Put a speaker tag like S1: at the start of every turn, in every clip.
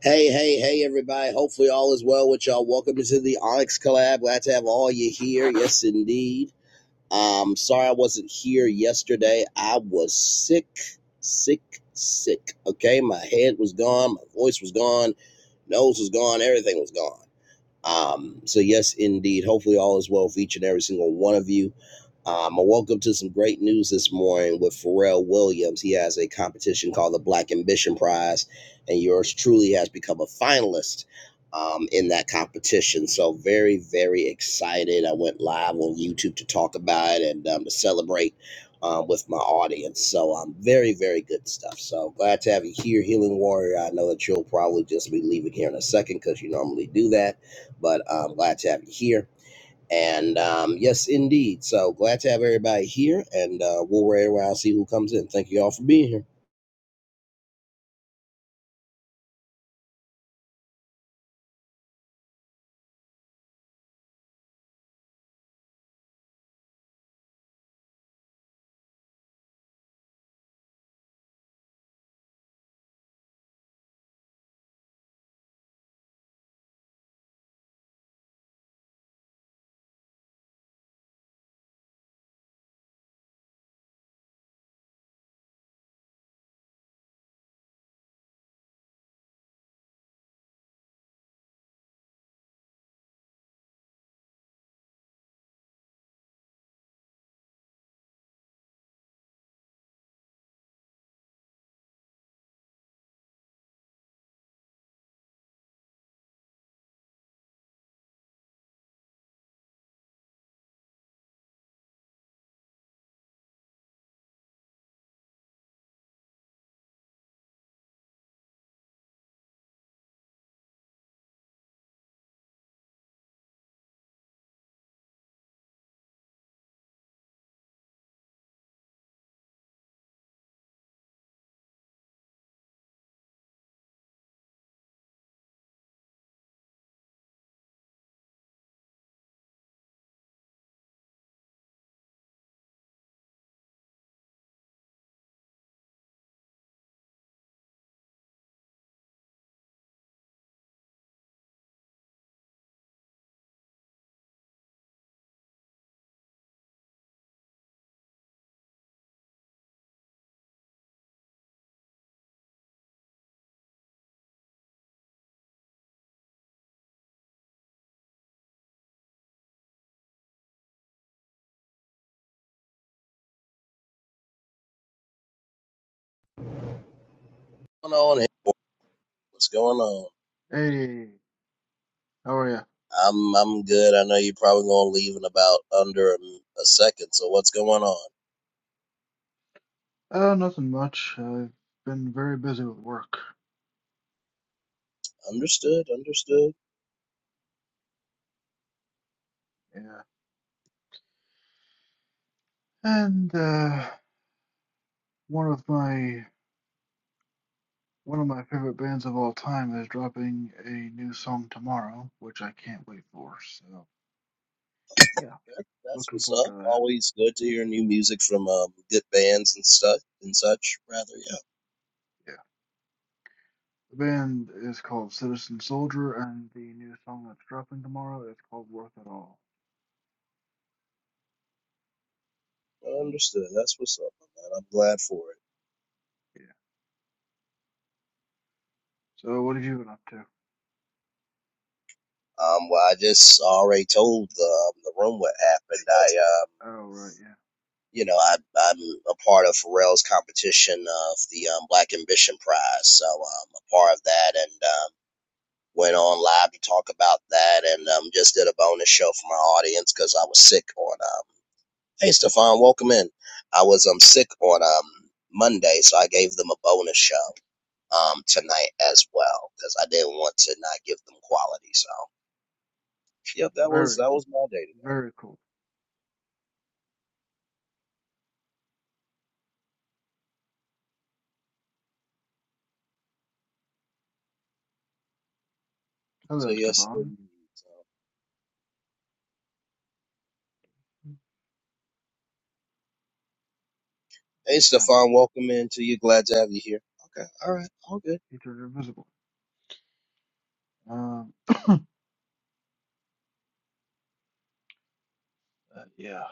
S1: Hey, hey, hey, everybody. Hopefully, all is well with y'all. Welcome to the Onyx Collab. Glad to have all you here. Yes, indeed. Um, sorry I wasn't here yesterday. I was sick, sick, sick. Okay, my head was gone, my voice was gone, nose was gone, everything was gone. Um, so yes, indeed. Hopefully, all is well for each and every single one of you. Um, I woke up to some great news this morning with Pharrell Williams. He has a competition called the Black Ambition Prize, and yours truly has become a finalist um, in that competition. So, very, very excited. I went live on YouTube to talk about it and um, to celebrate um, with my audience. So, um, very, very good stuff. So, glad to have you here, Healing Warrior. I know that you'll probably just be leaving here in a second because you normally do that, but I'm glad to have you here. And um, yes, indeed. So glad to have everybody here, and uh, we'll wait around see who comes in. Thank you all for being here. What's going on? What's going on?
S2: Hey, how are you?
S1: I'm I'm good. I know you're probably gonna leave in about under a a second. So what's going on?
S2: Uh, nothing much. I've been very busy with work.
S1: Understood. Understood.
S2: Yeah. And uh one of my one of my favorite bands of all time is dropping a new song tomorrow, which I can't wait for. So, yeah,
S1: That- That's
S2: looking
S1: what's
S2: forward to
S1: up.
S2: that.
S1: Always good to hear new music from um, good bands and stuff and such. Rather,
S2: Yeah. The band is called Citizen Soldier, and the new song that's dropping tomorrow is called Worth It All.
S1: yeah. Understood. That's what's up, man. I'm glad for it.
S2: Yeah. So, what have you been up to?
S1: Um, well, I just already told the, um, the room what happened. I um,
S2: Oh, right, yeah.
S1: you know, I, I'm a part of Pharrell's competition of the um, Black Ambition Prize, so I'm a part of that, and um, went on live to talk about that, and um, just did a bonus show for my audience because I was sick on. Um, hey, Stefan, welcome in. I was um sick on um Monday, so I gave them a bonus show um tonight as well because I didn't want to not give them quality. So, yep, that was
S2: Very,
S1: that was my day today.
S2: very cool.
S1: So
S2: Hello,
S1: yes,
S2: Stefan.
S1: indeed. Hey,
S2: Ah,
S1: Stefan, welcome into you. Glad to have you here. Okay, all right, all good.
S2: he turned invisible. Um, uh, yeah.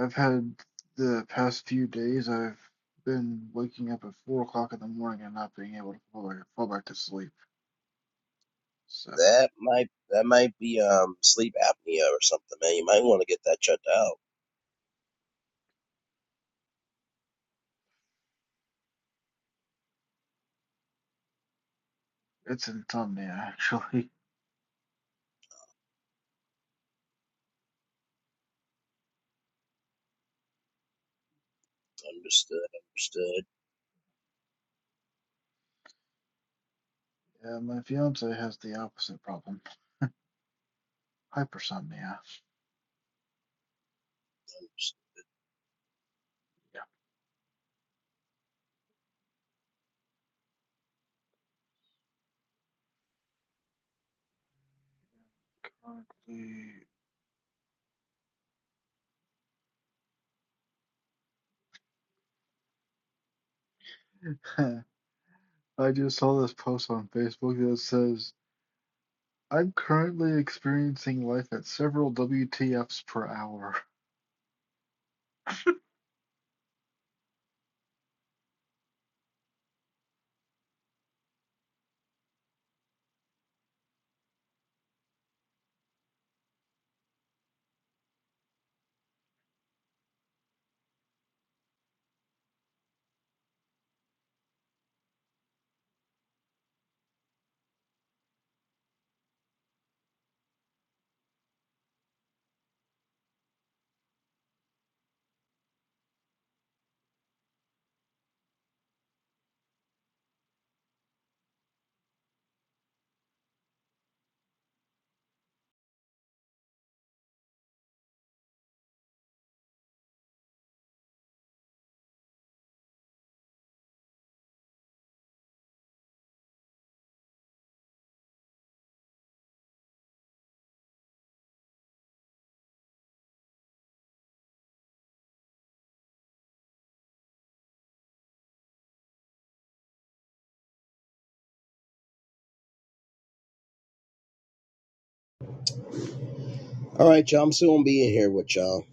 S2: I've had the past few days, I've been waking up at four o'clock in the morning and not being able to fall back, fall back to sleep. So
S1: That might that might be um sleep apnea or something, man. You might want to get that checked out.
S2: it's insomnia, actually.
S1: Understood.
S2: Yeah, my fiance has the opposite problem, hypersomnia.
S1: Understood.
S2: Yeah. Currently, I just saw this post on Facebook that says, I'm currently experiencing life at several WTFs per hour.
S1: All right, y'all. I'm still gonna be in here with y'all.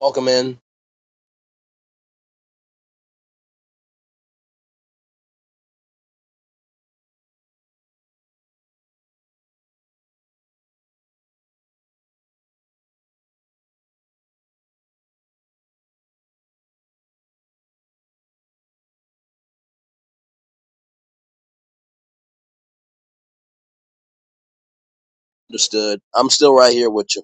S1: Welcome in. Understood. I'm still right here with you.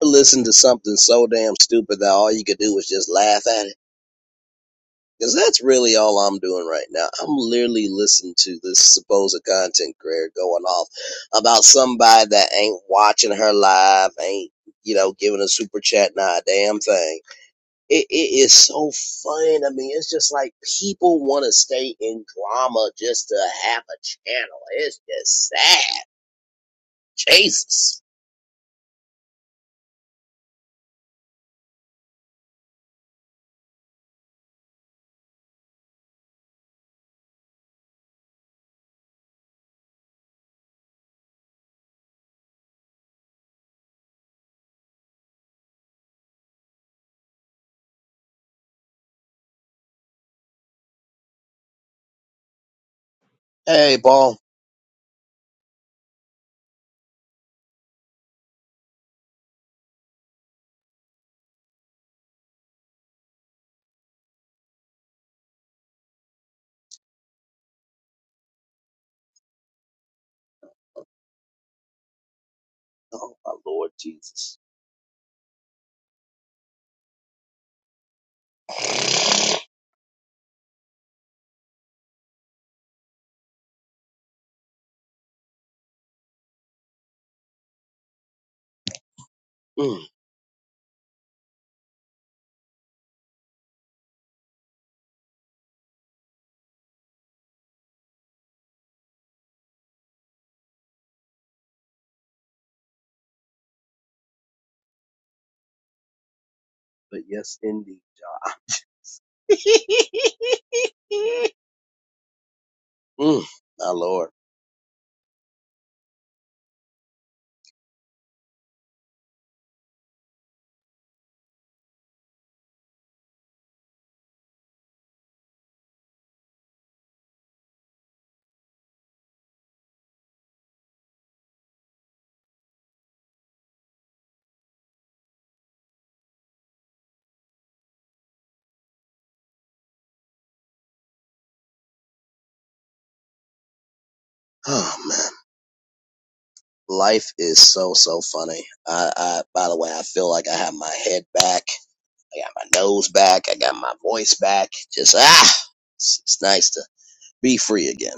S1: Listen to something so damn stupid that all you could do was just laugh at it. Because that's really all I'm doing right now. I'm literally listening to this supposed content creator going off about somebody that ain't watching her live, ain't, you know, giving a super chat, not a damn thing. It, it is so fun. I mean, it's just like people want to stay in drama just to have a channel. It's just sad. Jesus. Hey, Paul. Oh, my Lord Jesus. Mm, but yes, indeed. mm, my Lord. Oh, man. life is so so funny. I, I by the way, I feel like I have my head back. I got my nose back. I got my voice back. Just ah, it's, it's nice to be free again.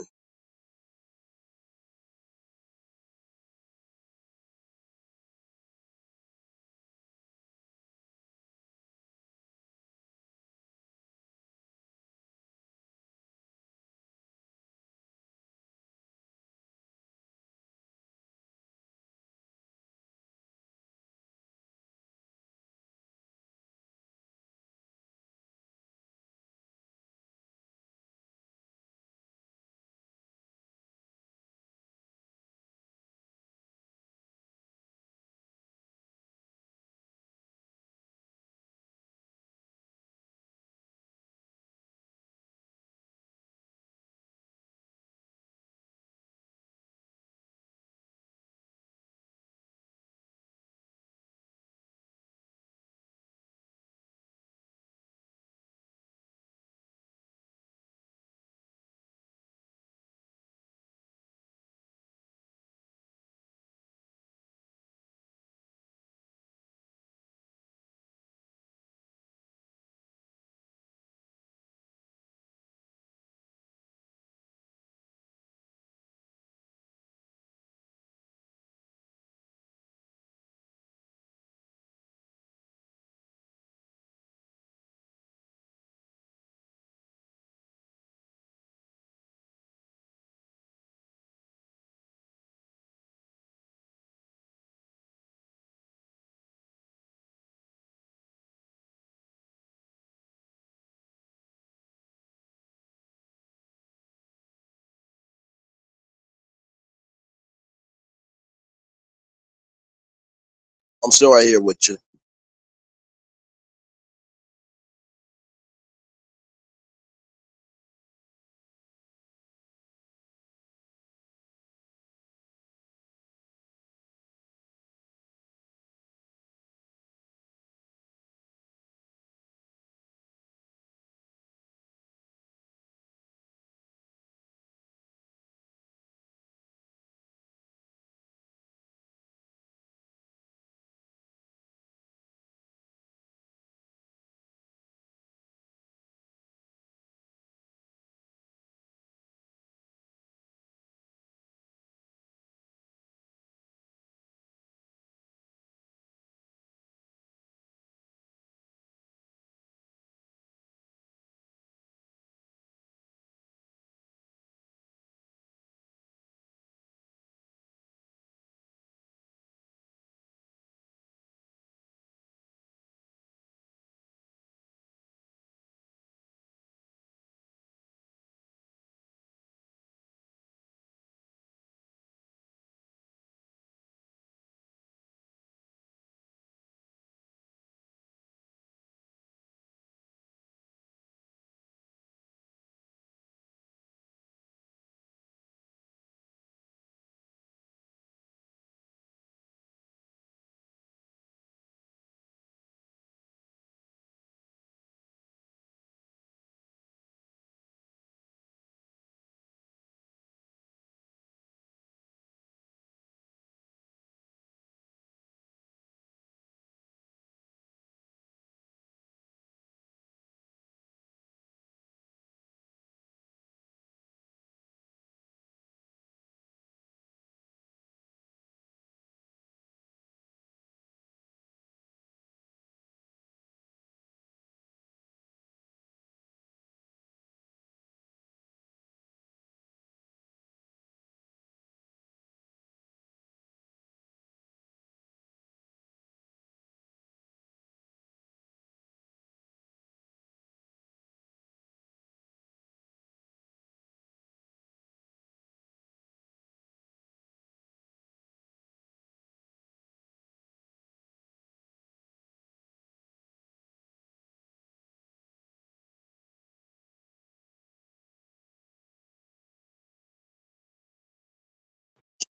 S1: I'm still right here with you,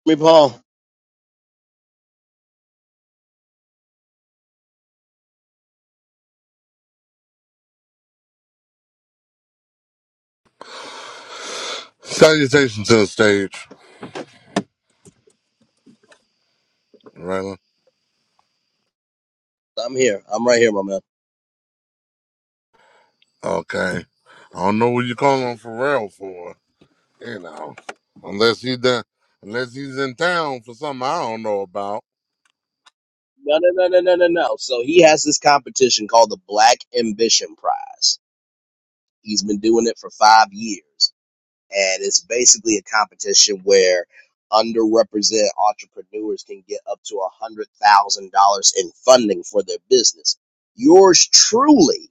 S1: me Paul.
S3: Salutations to the stage, Raylan.
S1: I'm here. I'm right here, my man.
S3: Okay. I don't know what you're calling Pharrell for, you know. Unless he done, unless he's in town for something I don't know about.
S1: No, no, no, no, no, no, no. So he has this competition called the Black Ambition Prize. He's been doing it for five years. and it's basically a competition where underrepresented entrepreneurs can get up to a hundred thousand dollars in funding for their business. Yours truly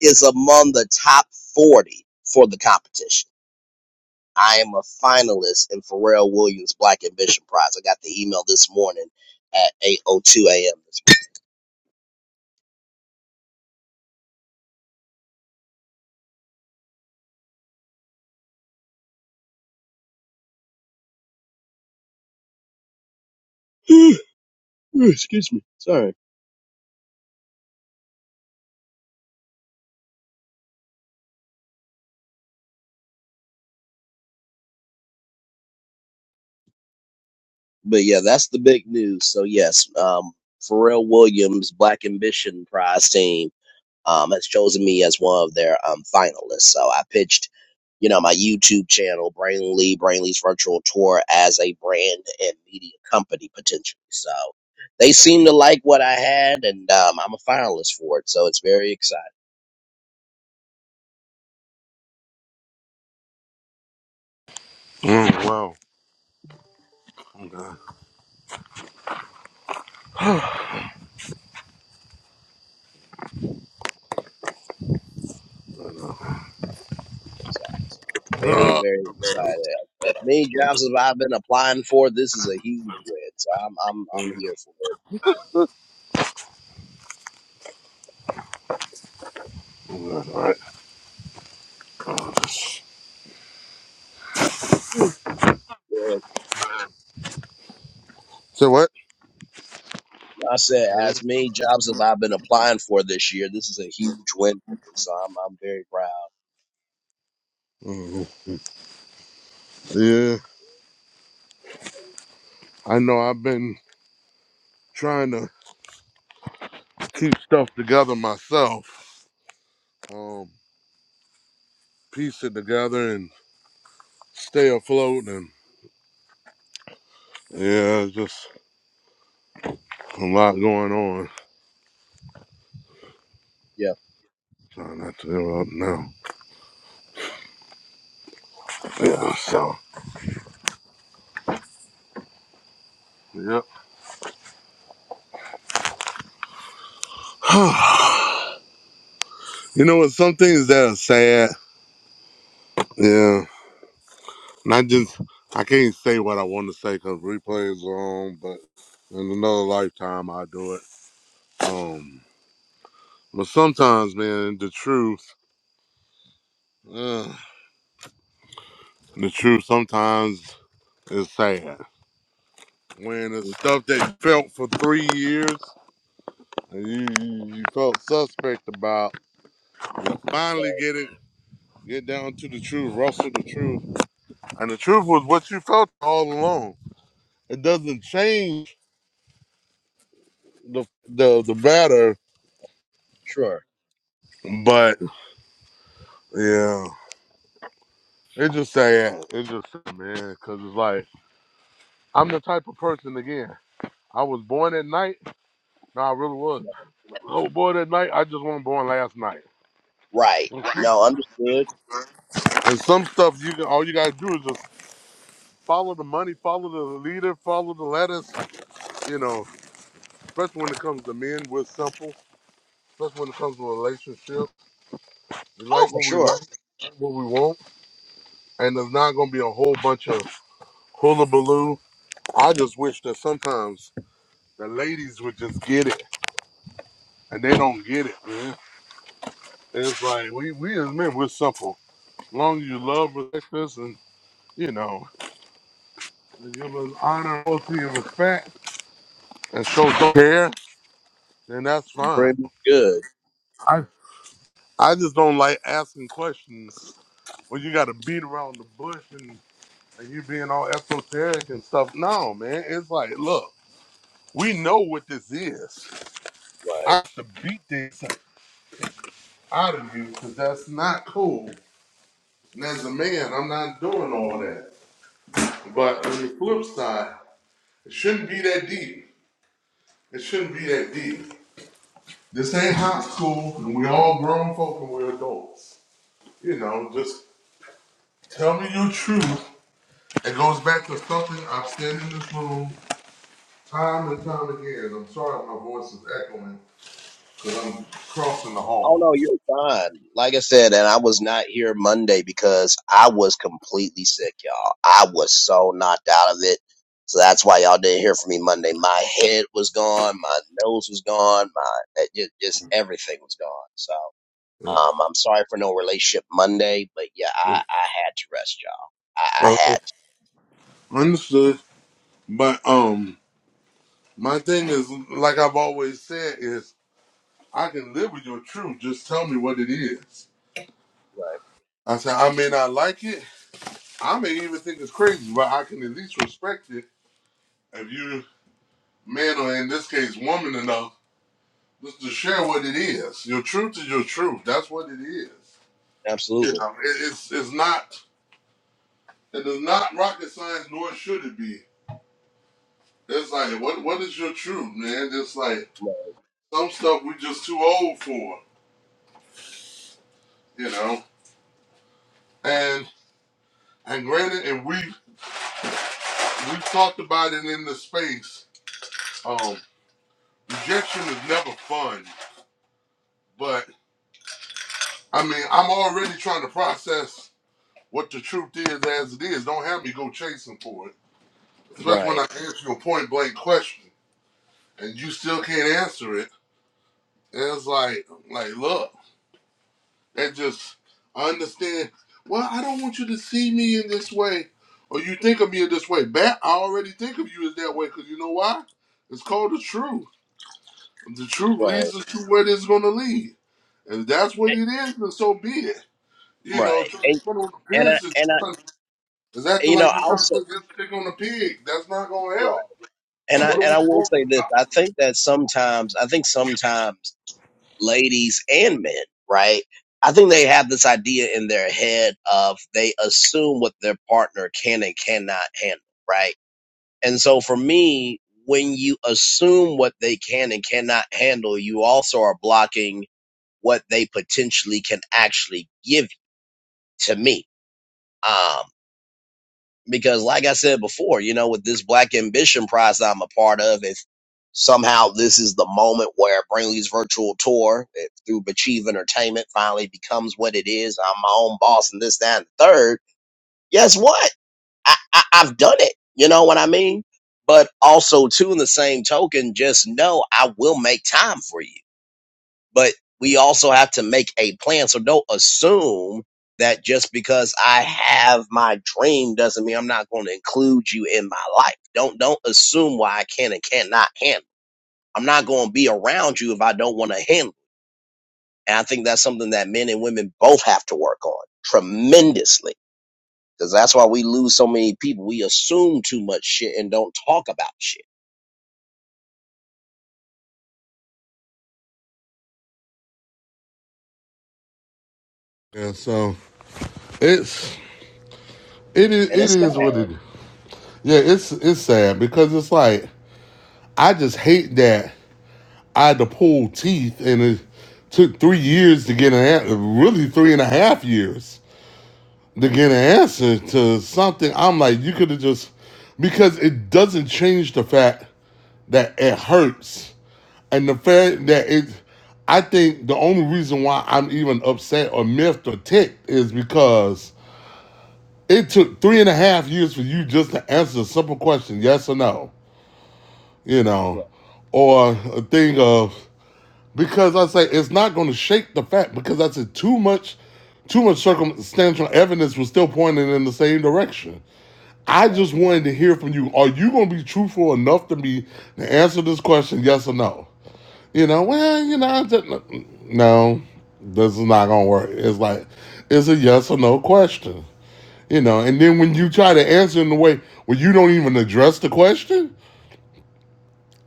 S1: is among the top forty for the competition. I am a finalist in Pharrell Williams Black Ambition Prize. I got the email this morning at eight oh two a.m. this morning. Excuse me, sorry, but yeah, that's the big news. So yes, um, Pharrell Williams Black Ambition Prize team um, has chosen me as one of their um, finalists. So I pitched, you know, my YouTube channel, Brainly, Brainly's virtual tour as a brand and media company potentially. So they seem to like what I had, and um, I'm a finalist for it. So it's very exciting.
S3: Mm, wow.
S1: So very,
S3: Uh,
S1: very excited. As many jobs as I've been applying for, this is a huge win. So I'm, I'm, I'm here for
S3: all right.
S1: it. Uh,
S3: So what?
S1: I said,
S3: That
S1: as
S3: is.
S1: many jobs as I've been applying for this year, this is a huge win for me. So I'm, I'm very proud.
S3: hmm Yeah. I know I've been trying to keep stuff together myself. Um, piece it together and stay afloat and yeah, it's just a lot going on.
S1: Yeah.
S3: Trying not to interrupt now. Yeah, so Yep. You know what? Some things that are sad. Yeah. And I just, I can't say what I want to say because replays are on, but in another lifetime, I'll do it. Um, But sometimes, man, the truth, uh, the truth sometimes is sad. When it's
S1: hmm
S3: stuff that you felt for three years, and you, you you felt suspect about, you finally
S1: Right.
S3: get it, get down to the truth, rustle the truth. And the truth was what you felt all along. It doesn't change the the the better.
S1: Sure.
S3: But yeah, it's just sad. It's just sad, man, because it's like I'm the type of person again. I was born at night. No, I really was. I was born at night. I just wasn't born last night.
S1: Right. No, understood.
S3: And some stuff you can all you gotta do is just follow the money, follow the leader, follow the letters. You know, especially when it comes to men, we're simple. Especially when it comes to a relationship, we
S1: Oh,
S3: like
S1: for
S3: what we
S1: sure.
S3: like, like what we want, and there's not gonna be a whole bunch of hullabaloo. I just wish that sometimes The ladies would just get it, and they don't get it, man. It's like we we as men, we're simple. As long as you love, respect us, and you know, and give us honor, loyalty, and respect, and show some care, then that's fine.
S1: Pretty good.
S3: I I just don't like asking questions when you got to beat around the bush and and you being all esoteric and stuff. No, man, it's like look. We know what this is. I
S1: Right.
S3: have to beat this out of you because that's not cool. And as a man, I'm not doing all that.
S1: Right.
S3: But on the flip side, it shouldn't be that deep. It shouldn't be that deep. This ain't high school, and we all grown folk and we're adults. You know, just tell me your truth. It goes back to something I've said in this room time and time again. I'm sorry if my voice is echoing because I'm crossing the
S1: Oh
S3: hall.
S1: no, you're fine. Like I said, and I was not here Monday because I was completely sick, y'all. I was so knocked out of it. So that's why y'all didn't hear from me Monday. My head was gone, my nose was gone, my just, just everything was gone. So um, I'm sorry for no relationship Monday, but yeah, I, I had to rest, y'all. I, I
S3: Okay.
S1: had to.
S3: Understood. But um, my thing is, like I've always said, is I can live with your truth. Just tell me what it is.
S1: Right.
S3: I said I may not like it, I may even think it's crazy, but I can at least respect it if you, man, or in this case, woman enough just to share what it is. Your truth is your truth. That's what it is. You
S1: Absolutely.
S3: know, it, it's it's not it is not rocket science, nor should it be. It's like what what is your truth, man? It's like some stuff we just too old for, you know. And and granted, and we we talked about it in the space. Um, rejection is never fun, but. I mean, I'm already trying to process what the truth is as it is. Don't have me go chasing for it. Especially when
S1: Right,
S3: I ask you a point blank question and you still can't answer it. And it's like, like, look, that just I understand. Well, I don't want you to see me in this way, or you think of me in this way. Bat, I already think of you as that way because you know why? It's called the truth. The truth
S1: right,
S3: leads us to where it's going to lead, and if that's what
S1: eh,
S3: it is. Then so be it. You know,
S1: right.
S3: trying
S1: And
S3: to put on
S1: and I
S3: appearances.
S1: and I
S3: Is acting
S1: you know
S3: like you trying to
S1: also
S3: put this chick on a pig. That's not gonna
S1: right.
S3: help.
S1: and I
S3: What are
S1: and
S3: we
S1: I will
S3: talking
S1: say this.
S3: about?
S1: I think that sometimes I think sometimes ladies and men, right? I think they have this idea in their head of they assume what their partner can and cannot handle, right? And so for me, when you assume what they can and cannot handle, you also are blocking what they potentially can actually give to me. Um, because like I said before, you know, with this Black Ambition Prize that I'm a part of, if somehow this is the moment where Brainley's virtual tour eh, through Bachieve Entertainment finally becomes what it is, I'm my own boss and this, that, and the third. Guess what? I, I, I've done it. You know what I mean? But also, too, in the same token, just know I will make time for you but we also have to make a plan. So don't assume that just because I have my dream doesn't mean I'm not going to include you in my life. Don't don't assume why I can and cannot handle. I'm not going to be around you if I don't want to handle. And I think that's something that men and women both have to work on tremendously because that's why we lose so many people. We assume too much shit and don't talk about shit,
S3: Yeah, so it's it is
S1: and
S3: it
S1: it's sad.
S3: is what it is. Yeah, it's it's sad because it's like I just hate that I had to pull teeth and it took three years to get an answer, really three and a half years to get an answer to something. I'm like, you could have just because it doesn't change the fact that it hurts And the fact that it's, I think the only reason why I'm even upset or miffed or ticked is because it took three and a half years for you just to answer a simple question, yes or no, you know,
S1: Right,
S3: or a thing of, because I say it's not going to shake the fact, because I said too much, too much circumstantial evidence was still pointing in the same direction. I
S1: right,
S3: just wanted to hear from you. Are you going to be truthful enough to me to answer this question, yes or no? You know, well, you know, I just, no, this is not gonna work. It's like it's a yes or no question. You know, and then when you try to answer in the way where you don't even address the question,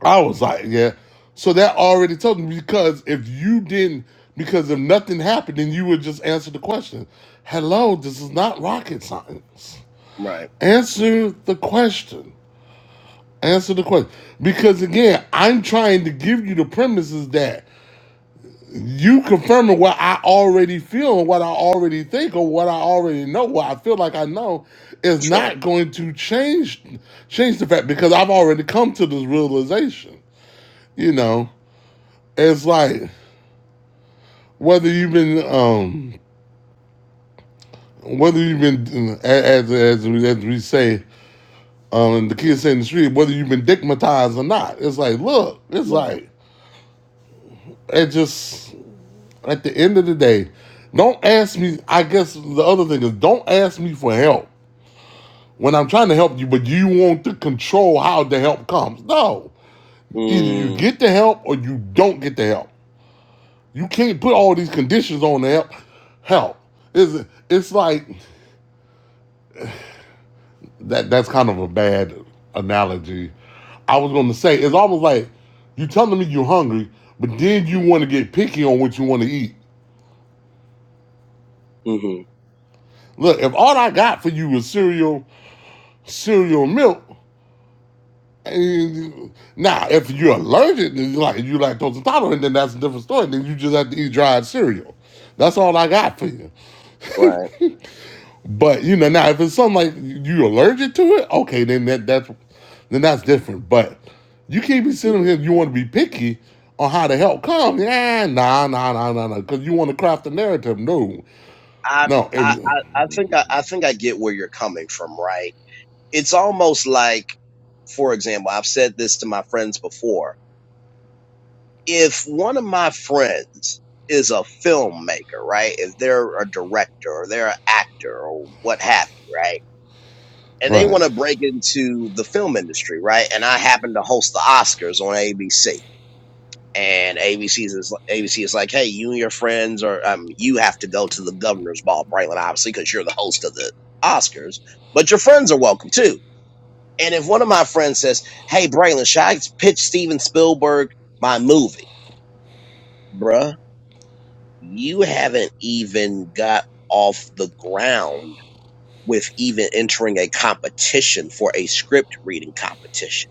S3: I was like, yeah. So that already told me because if you didn't, because if nothing happened, then you would just answer the question. Hello, this is not rocket science.
S1: right.
S3: Answer the question. Answer the question. Because again, I'm trying to give you the premises that you confirming what I already feel and what I already think or what I already know, what I feel like I know, is
S1: sure,
S3: not going to change change the fact because I've already come to this realization. You know, it's like whether you've been um whether you've been as as as we, as we say um the kids say in the street whether you've been digmatized or not. It's like look, it's
S1: right,
S3: like it just at the end of the day, don't ask me. I guess the other thing is don't ask me for help when I'm trying to help you, but you want to control how the help comes. No. Either you
S1: mm,
S3: get the help or you don't get the help. You can't put all these conditions on the help. Help. It's, it's like that that's kind of a bad analogy. I was gonna say it's almost like you telling me you're hungry, but then you want to get picky on what you want to eat.
S1: mm-hmm,
S3: Look, if all I got for you is cereal, cereal and milk, Now, if you're allergic, then you like you lactose intolerant, then that's a different story. Then you just have to eat dried cereal. That's all I got for you.
S1: right.
S3: But you know, now if it's something like you are allergic to it, okay, then that that's then that's different. But you can't be sitting here. You want to be picky on how to help come? Yeah, nah, nah, nah, nah, nah. Because you want to craft the narrative. No,
S1: I,
S3: no. If
S1: I,
S3: you,
S1: I I think I, I think I get where you're coming from, right? It's almost like, for example, I've said this to my friends before. If one of my friends is a filmmaker, right? If they're a director or they're an actor or what have you, right? And they
S3: right,
S1: want to break into the film industry, right? And I happen to host the Oscars on ABC and ABC is ABC is like, hey, you and your friends are um, you have to go to the governor's ball, Braylon, obviously, because you're the host of the Oscars, but your friends are welcome too. And if one of my friends says, hey, Braylon, should I pitch Steven Spielberg my movie, bruh? You haven't even got off the ground with even entering a competition for a script reading competition.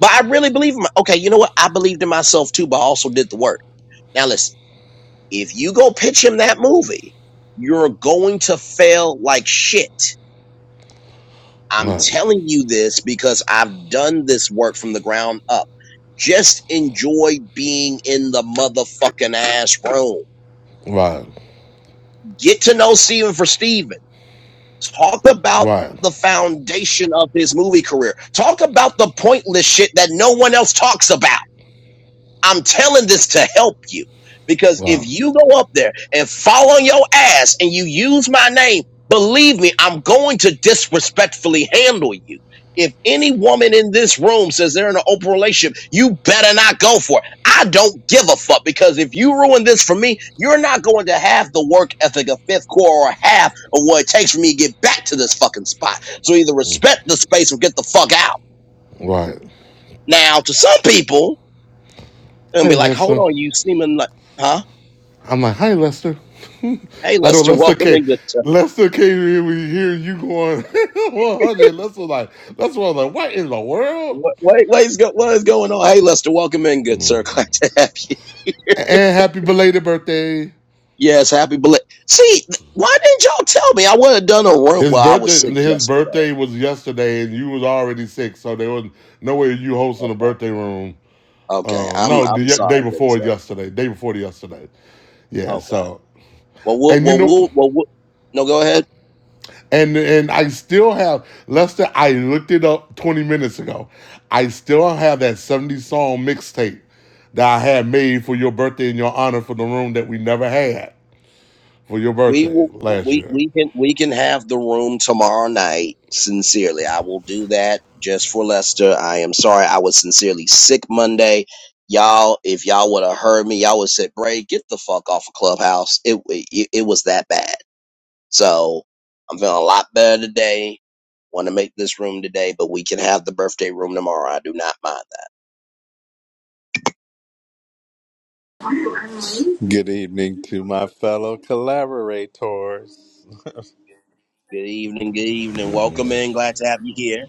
S1: But I really believe in my, okay, you know what? I believed in myself too, but I also did the work. Now listen. if you go pitch him that movie, you're going to fail like shit. I'm
S3: right,
S1: telling you this because I've done this work from the ground up. Just enjoy being in the motherfucking ass room.
S3: right,
S1: Get to know Steven for Steven. Talk about
S3: right,
S1: the foundation of his movie career. Talk about the pointless shit that no one else talks about. I'm telling this to help you because if
S3: right,
S1: you go up there and fall on your ass and you use my name, believe me, I'm going to disrespectfully handle you. If any woman in this room says they're in an open relationship, you better not go for it. I don't give a fuck because if you ruin this for me, you're not going to have the work ethic of fifth core or half of what it takes for me to get back to this fucking spot. So either respect the space or get the fuck out.
S3: right.
S1: Now, to some people, they'll
S3: Hey,
S1: be like, hold
S3: Lester.
S1: on, you seeming like, huh?
S3: I'm like, hi, Lester.
S1: Hey,
S3: I know
S1: Lester,
S3: Lester
S1: welcome
S3: came.
S1: in, good sir.
S3: Lester came in we hear you going 100. Lester was like, Lester was like, what in the world?
S1: What, what, what, is go, what is going on? Hey, Lester, welcome in, good sir. Glad to have you.
S3: And happy belated birthday.
S1: Yes, happy belated. See, th- why didn't y'all tell me? I would have done a room
S3: His
S1: while I was
S3: birthday,
S1: sick
S3: his
S1: yesterday.
S3: birthday was yesterday, and you was already sick, so there was no way you hosting a
S1: Okay,
S3: birthday room.
S1: okay.
S3: Um,
S1: I'm
S3: no, the
S1: I'm sorry,
S3: day
S1: good
S3: before
S1: sir.
S3: yesterday, day before yesterday. Yeah.
S1: Okay.
S3: So,
S1: Well, we'll,
S3: and you
S1: well,
S3: know.
S1: we'll, well, we'll no, go ahead.
S3: And and I still have Lester. I looked it up twenty minutes ago. I still have that seventy song mixtape that I had made for your birthday in your honor for the room that we never had for your
S1: we
S3: birthday
S1: will
S3: last
S1: we
S3: year.
S1: we can we can have the room tomorrow night sincerely i will do that just for lester i am sorry i was sincerely sick monday y'all if y'all would have heard me y'all would have said bray get the fuck off of clubhouse it, it it was that bad so i'm feeling a lot better today want to make this room today but we can have the birthday room tomorrow i do not mind that
S4: Good evening to my fellow collaborators.
S1: good evening good evening welcome in glad to have you here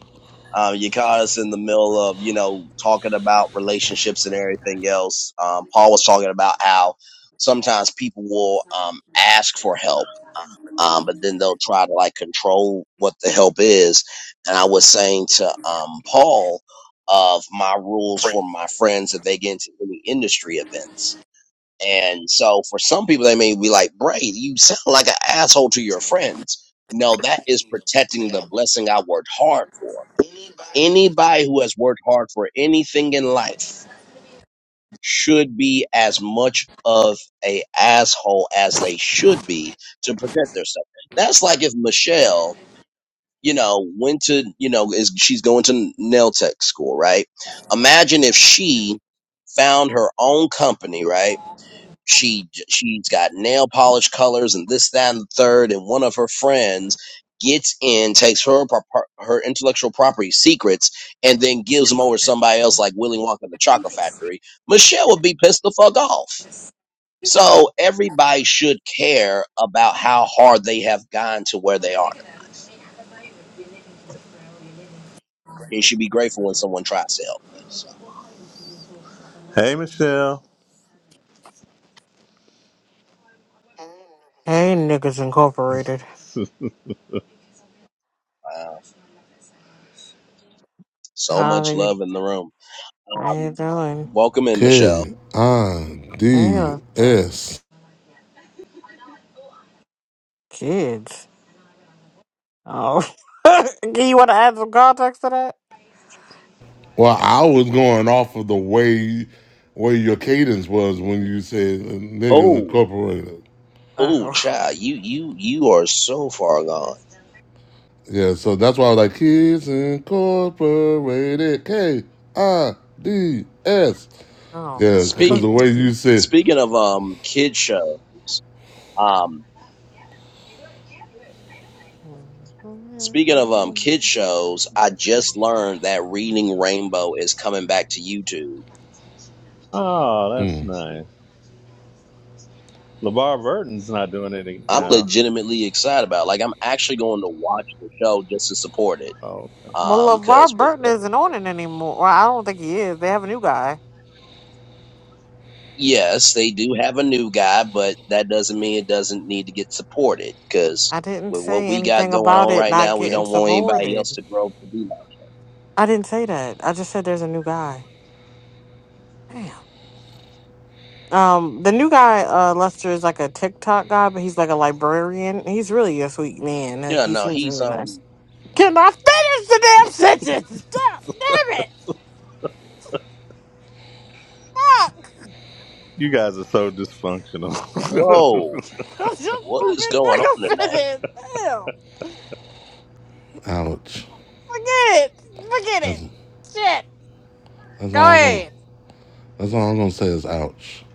S1: Um, you caught us in the middle of, you know, talking about relationships and everything else. Um, Paul was talking about how sometimes people will um, ask for help, um, but then they'll try to like control what the help is. And I was saying to um, Paul of my rules for my friends if they get into any industry events. And so for some people, they may be like, Bray, you sound like an asshole to your friends. No, that is protecting the blessing I worked hard for Anybody who has worked hard for anything in life should be as much of a asshole as they should be to protect themselves. That's like if Michelle, you know, went to, you know, is she's going to nail tech school, right? Imagine if she found her own company, right? she she's got nail polish colors and this that and the third and one of her friends gets in takes her pro- her intellectual property secrets and then gives them over to somebody else like willy wonka and the chocolate factory michelle would be pissed the fuck off so everybody should care about how hard they have gone to where they are you should be grateful when someone tries to help you so,
S4: Hey, Michelle.
S5: Hey, niggas incorporated.
S1: uh, so
S5: How
S1: much
S5: you
S1: love in the room
S5: how you
S1: um,
S5: doing?
S1: welcome in michelle
S3: K I
S5: Hey,
S3: D
S5: look, the
S3: S.
S5: kids. Oh, do you want to add some context to that?
S3: Well, I was going off of the way where your cadence was when you said uh, niggas
S1: oh
S3: incorporated.
S1: Oh,
S5: Oh,
S1: child, you you you are so far gone.
S3: Yeah, so that's why I was like, Kids Incorporated, K I D S.
S5: oh.
S3: Yeah, because
S1: Speak
S3: the way you said,
S1: speaking of um kid shows, um speaking of um kid shows, I just learned that Reading Rainbow is coming back to YouTube.
S4: Oh, that's
S3: mm,
S4: nice. LeVar Burton's not doing anything
S1: I'm
S4: now.
S1: legitimately excited about. it. Like I'm actually going to watch the show just to support it.
S4: Oh, okay.
S1: Um,
S5: Well,
S1: because
S5: LeVar Burton isn't on it anymore. Well, I don't think he is. They have a new guy.
S1: yes, they do have a new guy, but that doesn't mean it doesn't need to get supported. Because
S5: I didn't
S1: with what
S5: say
S1: we got
S5: anything
S1: going
S5: about
S1: on
S5: it
S1: right
S5: not
S1: now, we
S5: getting
S1: don't want anybody else
S5: supported.
S1: to grow up to be like.
S5: I didn't say that. I just said there's a new guy. Damn. Um, the new guy, uh, Lester, is like a TikTok guy, but he's like a librarian. He's really a sweet man. Like
S1: Yeah,
S5: he
S1: no,
S5: seems
S1: he's
S5: really nice.
S1: um.
S5: Can I finish the damn sentence? Stop! Damn it! Fuck!
S4: You guys are so dysfunctional.
S1: Whoa,
S5: Just
S1: what
S5: let
S1: is
S5: me
S1: going on
S5: nigga
S1: tonight?
S5: finish. Damn!
S3: ouch.
S5: Forget it. Forget
S3: That's,
S5: it. Shit.
S3: that's
S5: Go
S3: all I'm going to
S5: ahead.
S3: that's all I'm gonna say is ouch.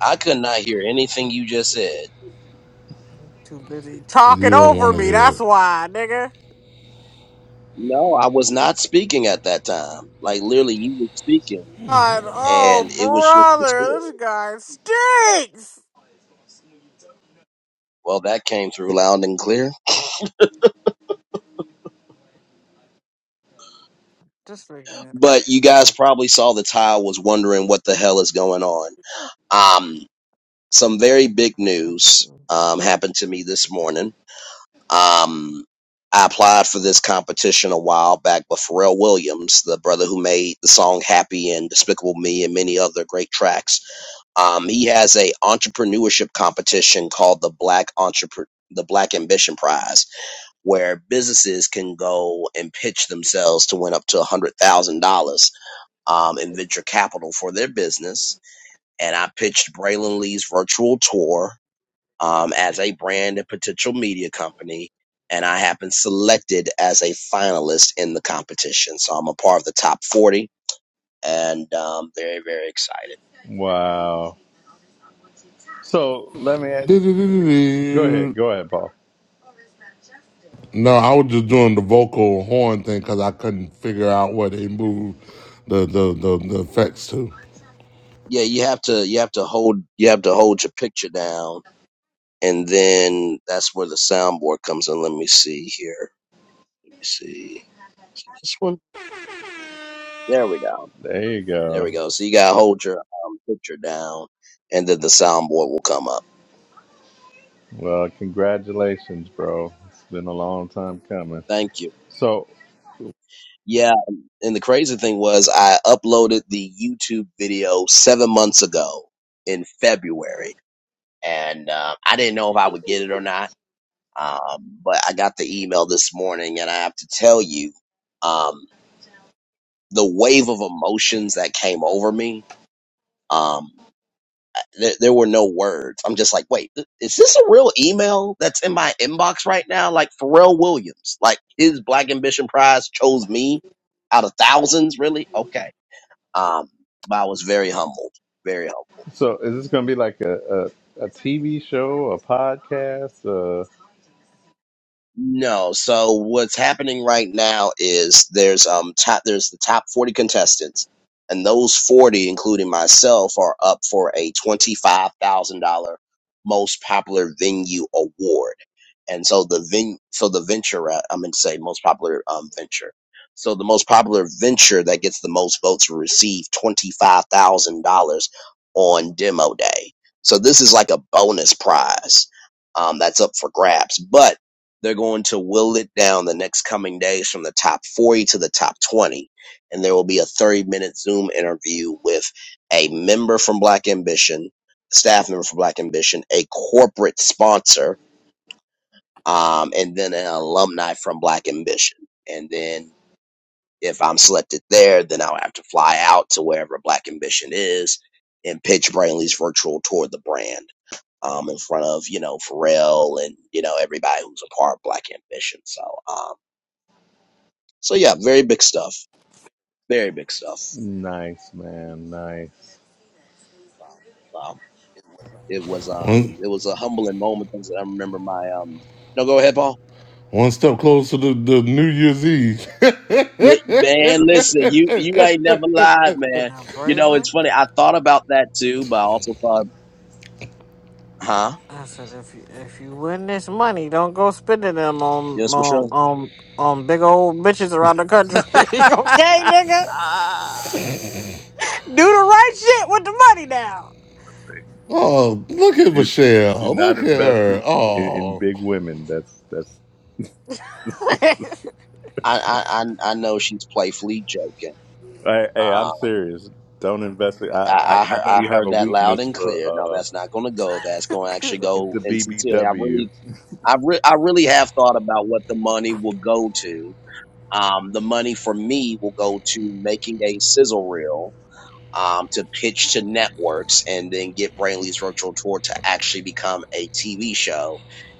S1: I could not hear anything you just said.
S5: Too busy talking
S3: You don't
S5: over
S3: want to
S5: me.
S3: hear
S5: That's
S3: it.
S5: why, nigga.
S1: No, I was not speaking at that time. Like literally, you were speaking,
S5: God, oh
S1: and it was just distorted.
S5: brother, this guy stinks.
S1: Well, that came through loud and clear.
S5: Just forget it.
S1: But you guys probably saw the tile was wondering what the hell is going on. Um, some very big
S5: I
S1: news
S5: didn't.
S1: um happened to me this morning. Um, I applied for this competition a while back, but Pharrell Williams, the brother who made the song "Happy" and "Despicable Me" and many other great tracks, um, he has a entrepreneurship competition called the Black Entrepreneur. The Black Ambition Prize, where businesses can go and pitch themselves to win up to one hundred thousand dollars um, in venture capital for their business. And I pitched Braylon Lee's virtual tour um, as a brand and potential media company. And I have been selected as a finalist in the competition. So I'm a part of the top 40 and um, very, very excited.
S4: wow. So let me ask, go ahead.
S3: Do-do-do-do-do.
S4: Go ahead, Paul.
S3: No, I was just doing the vocal horn thing because I couldn't figure out where they moved the the, the, the effects to.
S1: Yeah, you have to you have to hold you have to hold your picture down and then that's where the soundboard comes in. Let me see here. Let me see. Is it This one? There we go.
S4: There you
S1: There we
S4: go.
S1: go. So you gotta hold your um, picture down and then the soundboard will come up.
S4: Well, congratulations, bro. It's been a long time coming.
S1: Thank you.
S4: So,
S1: Yeah, and the crazy thing was I uploaded the YouTube video seven months ago in February, and uh, I didn't know if I would get it or not. Um, but I got the email this morning, and I have to tell you, um, the wave of emotions that came over me. Um, there, there were no words. I'm just like, wait, th- is this a real email that's in my inbox right now? Like Pharrell Williams, like his Black Ambition Prize chose me out of thousands, really? Okay Um, but I was very humbled, very humbled.
S4: so is this going to be like a, a, TV show, a podcast? Uh,
S1: No. So what's happening right now is there's um top there's the top 40 contestants, and those 40, including myself, are up for a twenty-five thousand dollar most popular venue award. And so the ven so the venture uh, I'm going to say most popular um venture. So the most popular venture that gets the most votes will receive twenty-five thousand dollars on demo day. So this is like a bonus prize um, that's up for grabs, but they're going to will it down the next coming days from the top 40 to the top 20. And there will be a 30 minute Zoom interview with a member from Black Ambition, staff member from Black Ambition, a corporate sponsor, um, and then an alumni from Black Ambition. And then if I'm selected there, then I'll have to fly out to wherever Black Ambition is and pitch Brainley's virtual tour of the brand um, in front of you know Pharrell and you know everybody who's a part of Black Ambition. So um. So yeah, very big stuff. Very big stuff.
S4: nice, man. Nice.
S1: Um, it was
S3: One,
S1: um it was a humbling moment because I remember my um no go ahead, Paul.
S3: one step closer to the New Year's Eve.
S1: Yeah, man, listen, you you ain't never lied,
S5: And
S1: man.
S5: now,
S1: You know,
S5: Braylon.
S1: it's funny, I thought about that too, but I also thought, huh?
S5: I said, if you if you win this money, don't go spending them on
S1: Yes, for
S5: on
S1: sure.
S5: on on big old bitches around the country. okay, nigga,
S4: Ah.
S5: do the right shit with the money now.
S4: Like,
S3: Oh, look at
S4: do do
S3: Michelle.
S4: not
S3: Look at
S4: invest
S3: her.
S4: in, in
S3: Oh.
S4: big women. That's that's.
S1: I I I I know she's playfully joking.
S4: hey, hey, I'm
S1: Um,
S4: serious. Don't invest. In,
S1: I
S4: I,
S1: I
S4: I I
S1: heard,
S4: know
S1: I
S4: you have
S1: heard
S4: a
S1: that loud
S4: weakness
S1: and
S4: for
S1: clear. No,
S4: uh
S1: that's not going to go. That's going to actually go
S4: the
S1: insincerely. I really
S4: BBW.
S1: I re- I really have thought about what the money will go to, Um, the money for me will go to making a sizzle reel um, to pitch to networks and then get Brainley's virtual tour to actually become a TV show.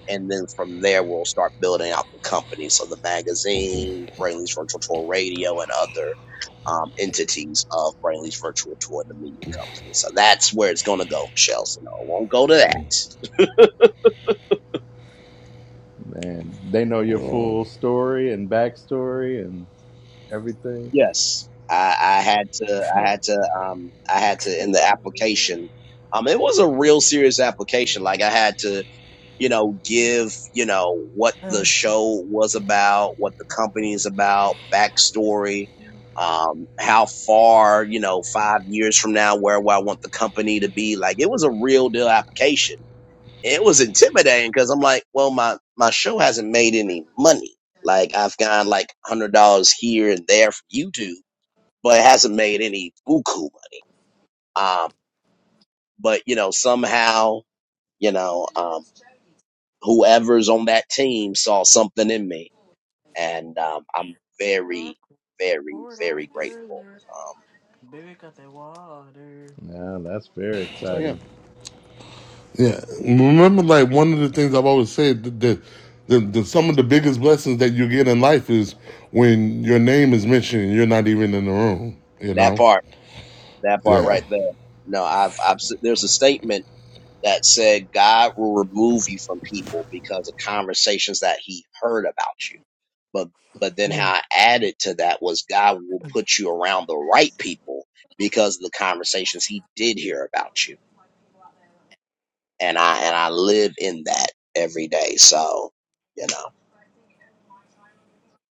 S1: And then from there, we'll start building out the company. So the magazine, Brainley's virtual tour radio, and other um, entities of Brainley's virtual tour, the media company. So that's where it's going to go, Michelle. So no, it won't go to that.
S4: Man, they know your
S3: Oh.
S4: full story and backstory and everything.
S1: Yes, I, I had to. I had to. Um, I had to in the application. Um, it was a real serious application. Like I had to, you know, give, you know, what the show was about, what the company is about, backstory, um, how far, you know, five years from now, where, where I want the company to be. Like it was a real deal application. It was intimidating because I'm like, well, my my show hasn't made any money. Like I've gotten like hundred dollars here and there from YouTube but hasn't made any buku money. Um, but you know, somehow, you know, um, whoever's on that team saw something in me, and um, I'm very, very,
S5: Port
S1: very grateful.
S5: Arthur,
S1: Um,
S5: baby got that water.
S4: Yeah, that's very
S1: so yeah,
S4: exciting.
S3: Yeah. Remember, like, one of the things I've always said that the, the, the, some of the biggest blessings that you get in life is when your name is mentioned and you're not even in the room, you
S1: that
S3: know?
S1: part, that part
S3: Yeah.
S1: right there. No, I've, I've, s- there's a statement that said God will remove you from people because of conversations that He heard about you. but but then how I added to that was God will put you around the right people because of the conversations He did hear about you, and I and I live in that every day. So you know,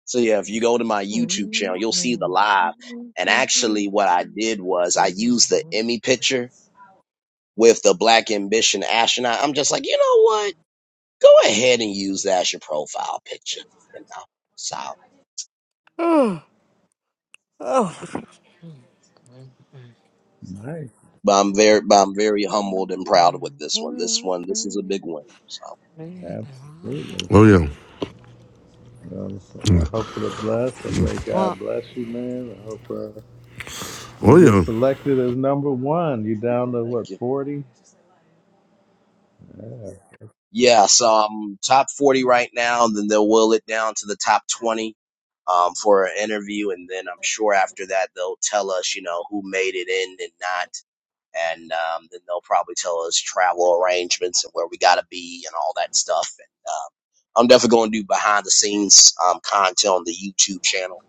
S1: so yeah, if you go to my YouTube channel, you'll see the live. And actually, what I did was I used the Emmy picture with the Black Ambition astronaut. I'm just like, you know what? Go ahead and use that as your profile picture. You know, so.
S5: Oh, Oh,
S4: Nice,
S1: But I'm very, but I'm very humbled and proud with this one. This one, this is a big win. So
S4: absolutely.
S3: Oh, yeah.
S4: Well, I hope for the bless. I pray God bless you, man. I hope. Uh, You
S3: Oh,
S4: get
S3: yeah.
S4: selected as number one. You down to
S1: thank
S4: what
S1: you.
S4: forty? Yeah.
S1: Yeah, so I'm top 40 right now, and then they'll will it down to the top 20 um, for an interview, and then I'm sure after that they'll tell us, you know, who made it in and not, and um, then they'll probably tell us travel arrangements and where we gotta be and all that stuff. And um, I'm definitely gonna do behind the scenes um, content on the YouTube channel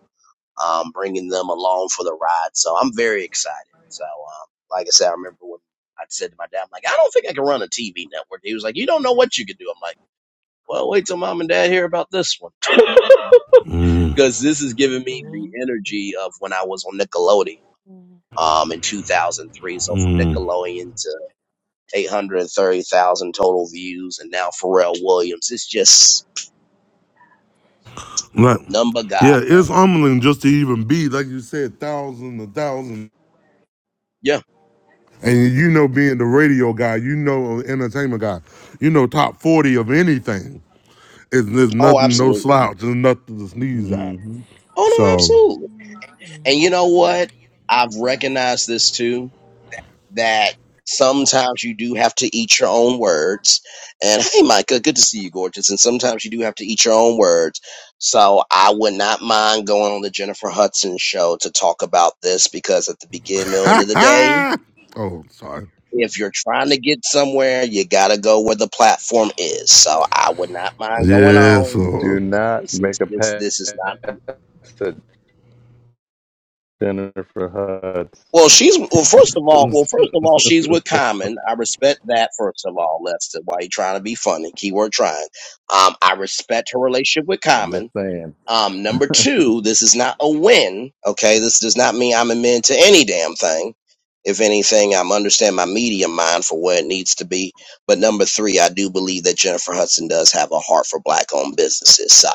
S1: um, bringing them along for the ride. So I'm very excited. So, um, like I said, I remember when I said to my dad, I'm like, I don't think I can run a TV network. He was like, you don't know what you could do. I'm like, well, wait till mom and dad hear about this one.
S3: Mm,
S1: Cause this is giving me the energy of when I was on Nickelodeon. Um, in 2003. So from
S3: mm.
S1: Nickelodeon to 830,000 total views. And now Pharrell Williams. It's just
S3: Like,
S1: number God,
S3: yeah,
S1: man.
S3: it's humbling just to even be, like you said, thousands and thousands.
S1: Yeah.
S3: And you know, being the radio guy, you know, entertainment guy, you know, top 40 of anything It's, there's
S1: Oh,
S3: nothing, no
S1: absolutely.
S3: slouch. There's nothing to sneeze at.
S4: hmm
S1: Oh, no,
S3: So,
S1: absolutely. And you know what? I've recognized this too that sometimes you do have to eat your own words. And hey, Micah, good to see you, gorgeous. And sometimes you do have to eat your own words. So I would not mind going on the Jennifer Hudson show to talk about this because at the beginning, middle, end
S3: ha
S1: of the day,
S3: ha! oh, sorry.
S1: if you're trying to get somewhere, you gotta go where the platform is. So I would not mind going
S3: Yeah,
S1: on.
S3: so,
S4: Do not
S1: This
S4: make
S1: is
S4: a
S1: this
S4: pass
S1: this is not.
S4: at Jennifer
S1: Well,
S4: Hudson.
S1: she's well. First of all, well, first of all, she's with Common. I respect that. First of all, Lester, why you trying to be funny? Keyword trying. Um, I respect her relationship with
S4: I'm just
S1: Common.
S4: saying.
S1: Um, number two, this is not a win. Okay, this does not mean I'm amend to any damn thing. If anything, I'm understand my medium mind for where it needs to be. But number three, I do believe that Jennifer Hudson does have a heart for black-owned businesses. So,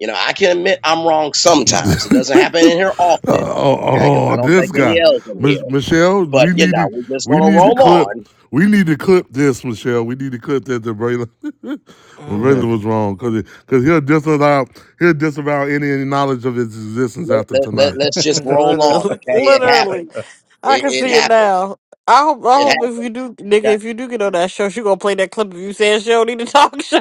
S1: you know, I can admit I'm wrong sometimes. It doesn't happen in here
S3: uh,
S1: often
S3: oh,
S1: okay? Because I
S3: oh,
S1: don't
S3: this
S1: take any
S3: guy,
S1: L's in here.
S3: Mich- Michelle,
S1: But
S3: we
S1: you
S3: need
S1: know,
S3: to,
S1: we're just
S3: we
S1: gonna
S3: need to
S1: roll
S3: clip,
S1: on.
S3: we need to clip this, Michelle. We need to clip that to Braylon. when Braylon was wrong, because because he'll disavow, he'll disavow any, any knowledge of his existence
S1: Let
S3: after
S1: let, let
S3: tonight.
S1: let's just
S5: Mm,
S1: roll
S5: literally,
S1: on, okay? It
S5: literally.
S1: happened.
S5: I
S1: It,
S5: can
S1: it
S5: see it
S1: happened.
S5: now. I hope, I
S1: It
S5: hope if you
S1: happened.
S5: do, nigga,
S1: Okay.
S5: if you do get on that show, she gonna play that clip of you saying she don't need a talk show.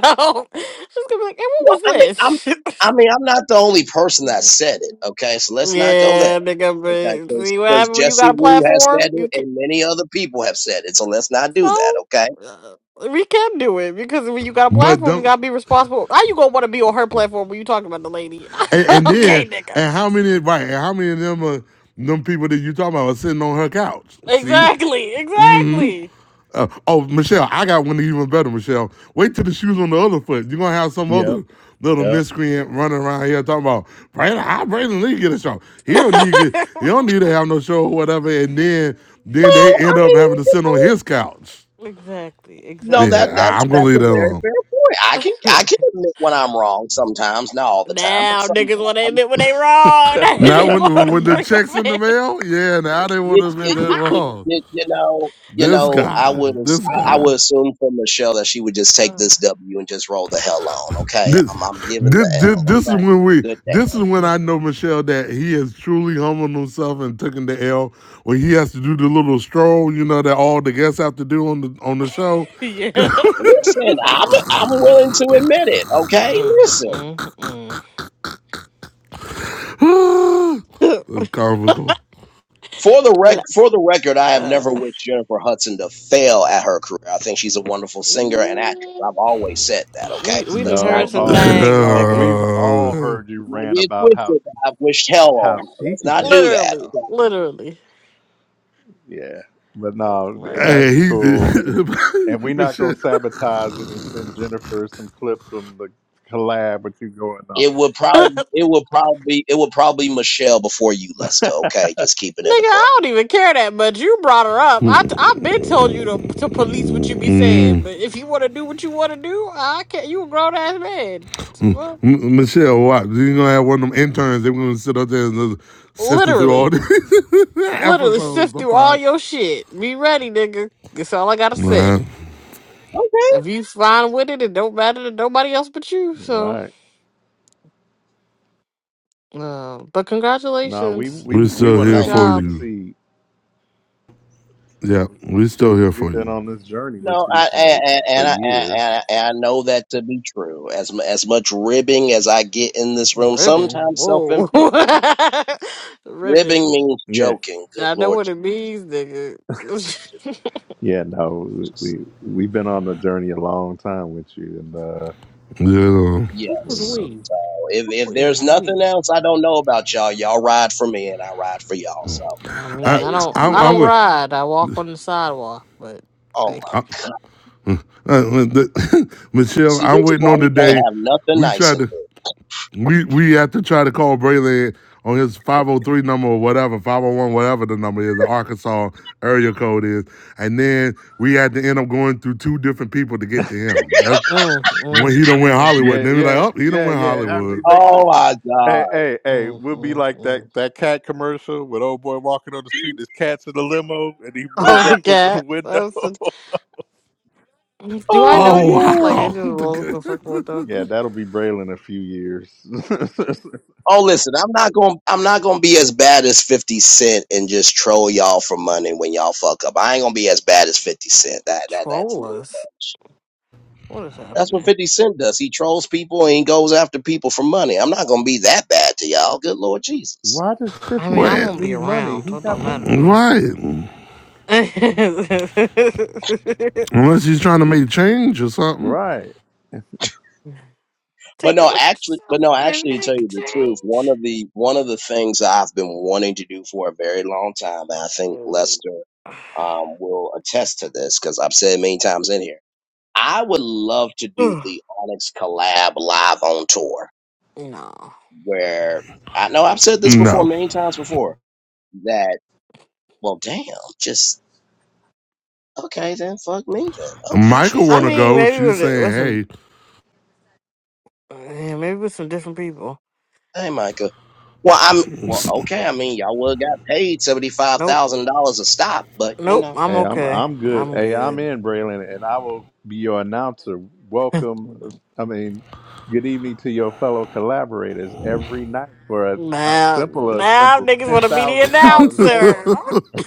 S5: She's gonna be like, "Hey,
S1: Well,
S5: what was
S1: I mean, I'm
S5: this?"
S1: I mean, I'm not the only person that said it. Okay, so let's not go there.
S5: Yeah,
S1: Okay,
S5: nigga. But see what
S1: because
S5: happened when you
S1: Jesse
S5: got a
S1: Wu has said
S5: platform?
S1: it,
S5: You can
S1: and many other people have said it. So let's not do that.
S5: so
S1: Okay.
S5: uh, we can do it because when you got a
S3: But
S5: platform, you
S3: don't.
S5: gotta be responsible. How you gonna want to be on her platform when you talking about the lady?
S3: And, and
S5: okay,
S3: then,
S5: nigga.
S3: and how many right? And how many of them are them people that you talking about are sitting on her couch? See,
S5: Exactly.
S3: mm hmm
S5: Exactly.
S3: uh, oh Michelle, I got one even better. Michelle, wait till the shoes on the other foot. You're gonna have some
S4: yep.
S3: other little
S4: Yep.
S3: miscreant running around here talking about Brandon. How Brandon Lee get a show? He don't need get, he don't need to have no show or whatever. And then then they
S1: Well, I
S3: end up
S1: mean,
S3: having to
S1: you
S3: sit on
S1: know,
S3: his couch.
S5: exactly.
S1: no,
S3: Yeah,
S1: that
S5: Exactly.
S3: I,
S1: that's
S3: I'm gonna
S1: that's a
S3: leave that
S1: very
S3: alone.
S1: fair point. I can I can admit when I'm wrong sometimes, not all the time, but
S5: now niggas want
S1: sometimes.
S5: to admit when they wrong. Now
S3: Now
S5: they want
S3: when
S5: to
S3: when the
S5: break a
S3: checks in the
S5: fan.
S3: mail, yeah, now they would
S1: you,
S3: have been
S1: you,
S3: that
S1: you, you,
S3: wrong.
S1: you you know, you
S3: This
S1: know, I
S3: guy,
S1: would ass-
S3: this
S1: I I
S3: guy,
S1: would assume from Michelle that she would just take this W and just roll the hell on. Okay,
S3: this,
S1: I'm I'm giving
S3: this,
S1: the
S3: this,
S1: L.
S3: this is
S1: Okay,
S3: when we,
S1: good day.
S3: this is when I know Michelle that he has truly humbled himself and taken the L when he has to do the little stroll, you know, that all the guests have to do on the on the show.
S5: yeah.
S1: Listen, I'm I'm willing to admit it. Okay,
S5: Mm,
S1: listen.
S5: mm, mm.
S3: That's comical.
S1: For the rec
S5: L-
S1: for the record, I have never
S5: uh,
S1: wished Jennifer Hudson to fail at her career. I think she's a wonderful singer and actress.
S5: mm,
S1: I've always said that. Okay,
S5: we
S1: so
S5: we done
S1: let's
S5: heard
S4: no.
S1: not get
S5: some
S1: it
S4: Oh.
S1: twisted.
S5: things,
S4: Oh.
S5: nigga.
S4: We've all heard you
S1: Let's not
S4: rant
S1: get it
S4: about how
S1: twisted.
S4: she,
S1: I've wished hell
S4: how
S1: on her.
S4: she
S1: Let's
S4: could
S1: not
S4: get a
S1: do that.
S5: Literally,
S4: show.
S5: literally.
S4: Yeah, but no, th-
S5: Like,
S4: that'd
S3: hey,
S4: be cool. And, and
S3: he,
S4: we're not gonna
S3: Michelle.
S4: sabotage it and send Jennifer some clips from the collab with you going off.
S1: It would
S5: nigga,
S1: probably it would probably it would probably Michelle before you, Lester. Okay, just keeping it a book.
S5: I don't even care that much. You brought her up. I i have been told you to to police what you be
S3: mm.
S5: saying, but if you want to do what you want to do, I can't. You a grown ass man. So
S3: Mm.
S5: what?
S3: M- M- Michelle, what? You're gonna have one of them interns. They're gonna sit up there and just sifting through all
S5: Literally,
S3: these
S5: literally
S3: episodes
S5: sift
S3: to
S5: through all
S3: find.
S5: your shit. Be ready, nigga. That's all I gotta say.
S3: Nah,
S1: Okay,
S5: If you fine with it, it don't matter to nobody else but you. so.
S4: Right?
S5: Uh, but
S4: No, we
S5: congratulations.
S4: we
S3: we're
S4: we
S3: still
S4: want to
S5: Good
S3: here
S4: see
S1: thank
S4: you
S1: you.
S3: for
S5: job.
S3: you.
S4: succeed.
S3: Yeah, we're still
S4: Shoot,
S3: here
S4: we've
S3: for
S4: been
S3: you.
S4: on this journey with
S1: No,
S4: you
S1: I and,
S4: for
S1: and,
S4: for
S1: and I and,
S4: years.
S1: and and I know that to be true. As mu- as much ribbing as I get in this room,
S5: Ribbon.
S1: sometimes self
S5: Whoa.
S1: inflicted. Ribbing
S5: Ribbon.
S1: means
S4: Yeah,
S1: joking. Good
S5: I know
S1: Lord
S5: what it means, nigga.
S4: yeah. No,
S1: Jesus.
S4: we we've been on the journey a long time with you, and uh,
S3: Yeah,
S5: Who is
S4: you
S1: Yes.
S4: know.
S5: we?
S1: So if
S5: Who
S1: if
S5: is
S1: there's nothing
S5: we?
S1: else I don't know about y'all, y'all ride for me and I ride for y'all. So
S5: Oh, I mean,
S3: I,
S1: that
S5: I
S1: is
S5: don't,
S3: I,
S1: clear
S5: I
S3: I
S1: to
S5: don't
S1: know.
S3: would.
S5: ride. I walk on the sidewalk, but
S1: Oh my.
S5: thank
S3: I, uh,
S5: you.
S3: Michelle,
S1: See,
S3: I'm
S1: this is
S3: waiting
S1: why
S3: on
S1: we
S3: the
S1: can't
S3: day
S1: have nothing
S3: we
S1: nice
S3: try
S1: in
S3: to.
S1: here.
S3: We we have to try to call Braylon on his 503 number or whatever, 501, whatever the number is, the Arkansas area code is. And then we had to end up going through two different people to get to him. That's
S5: Mm,
S3: when he
S5: mm,
S3: don't win
S5: mm,
S3: Hollywood.
S4: Yeah,
S3: Then we're like,
S4: yeah,
S3: oh, he don't
S4: yeah,
S3: win
S4: yeah. After he
S3: Hollywood.
S4: makes it.
S1: Oh my
S4: Hey,
S1: god.
S4: hey, hey,
S5: mm,
S4: we'll be
S5: mm,
S4: like
S5: mm.
S4: that that cat commercial with old boy walking on the street, there's cats in the limo, and he
S5: Oh,
S4: wheels
S5: the
S4: up the, the
S5: cat.
S4: window.
S5: That's a, do I
S1: Oh
S5: know
S1: my
S3: Oh
S5: you? Like,
S1: god.
S5: they just
S3: wow.
S5: rolled the fucking window.
S4: yeah, that'll be Braille in a few years.
S1: Oh listen, I'm not going I'm not going to be as bad as 50 Cent and just troll y'all for money when y'all fuck up. I ain't going to be as bad as 50 Cent. That that that's a
S5: Troll
S1: little
S5: us.
S1: much.
S5: What is
S1: That's what
S5: happening?
S1: 50 Cent does. He trolls people and he goes after people for money. I'm not going to be that bad to y'all. Good Lord Jesus.
S4: Why does
S5: I
S4: 50
S5: mean, I
S3: Wait,
S4: Cent
S5: won't be
S4: need money?
S5: around, so
S4: He
S5: it
S4: got
S5: don't matter
S4: plenty
S5: to
S4: of
S5: me.
S4: money.
S3: right. Unless he's trying to make change or something.
S4: Right.
S1: But
S5: Take a
S1: no,
S5: look at
S1: actually, but
S5: yourself
S1: no,
S5: and
S1: actually to tell
S5: make a
S1: you the truth, one
S5: change.
S1: of the one of the things I've been wanting to do for a very long time and I think
S5: Oh.
S1: Lester um, will attest to this because I've said it many times in here I would love to do
S5: Ugh,
S1: the Onyx collab live on tour
S5: no,
S1: where I know I've said this before
S3: No.
S1: many times before that, well, damn, just okay, then fuck me then. Okay,
S3: Michael
S1: shit. I
S5: I
S1: mean,
S3: wanna
S5: mean
S3: go.
S5: maybe
S3: She's
S5: with, it- with some,
S3: saying,
S5: yeah, maybe with some different people.
S1: hey, Micah. Well, I'm well,
S3: hey.
S1: okay. I mean, y'all would have got paid seventy five
S5: Nope,
S1: thousand dollars a stop, but you
S5: nope,
S1: know,
S5: I'm
S4: Hey, I'm
S5: okay.
S4: I'm good.
S5: I'm
S4: Hey, I'm
S5: good.
S4: in Braylon, and I will be your announcer.
S5: now,
S4: Welcome, I mean, good evening to your fellow collaborators every night for a, a simple, a
S5: now
S4: simple
S5: niggas
S4: ten
S5: want to be the
S4: thousand dollars more.
S5: announcer.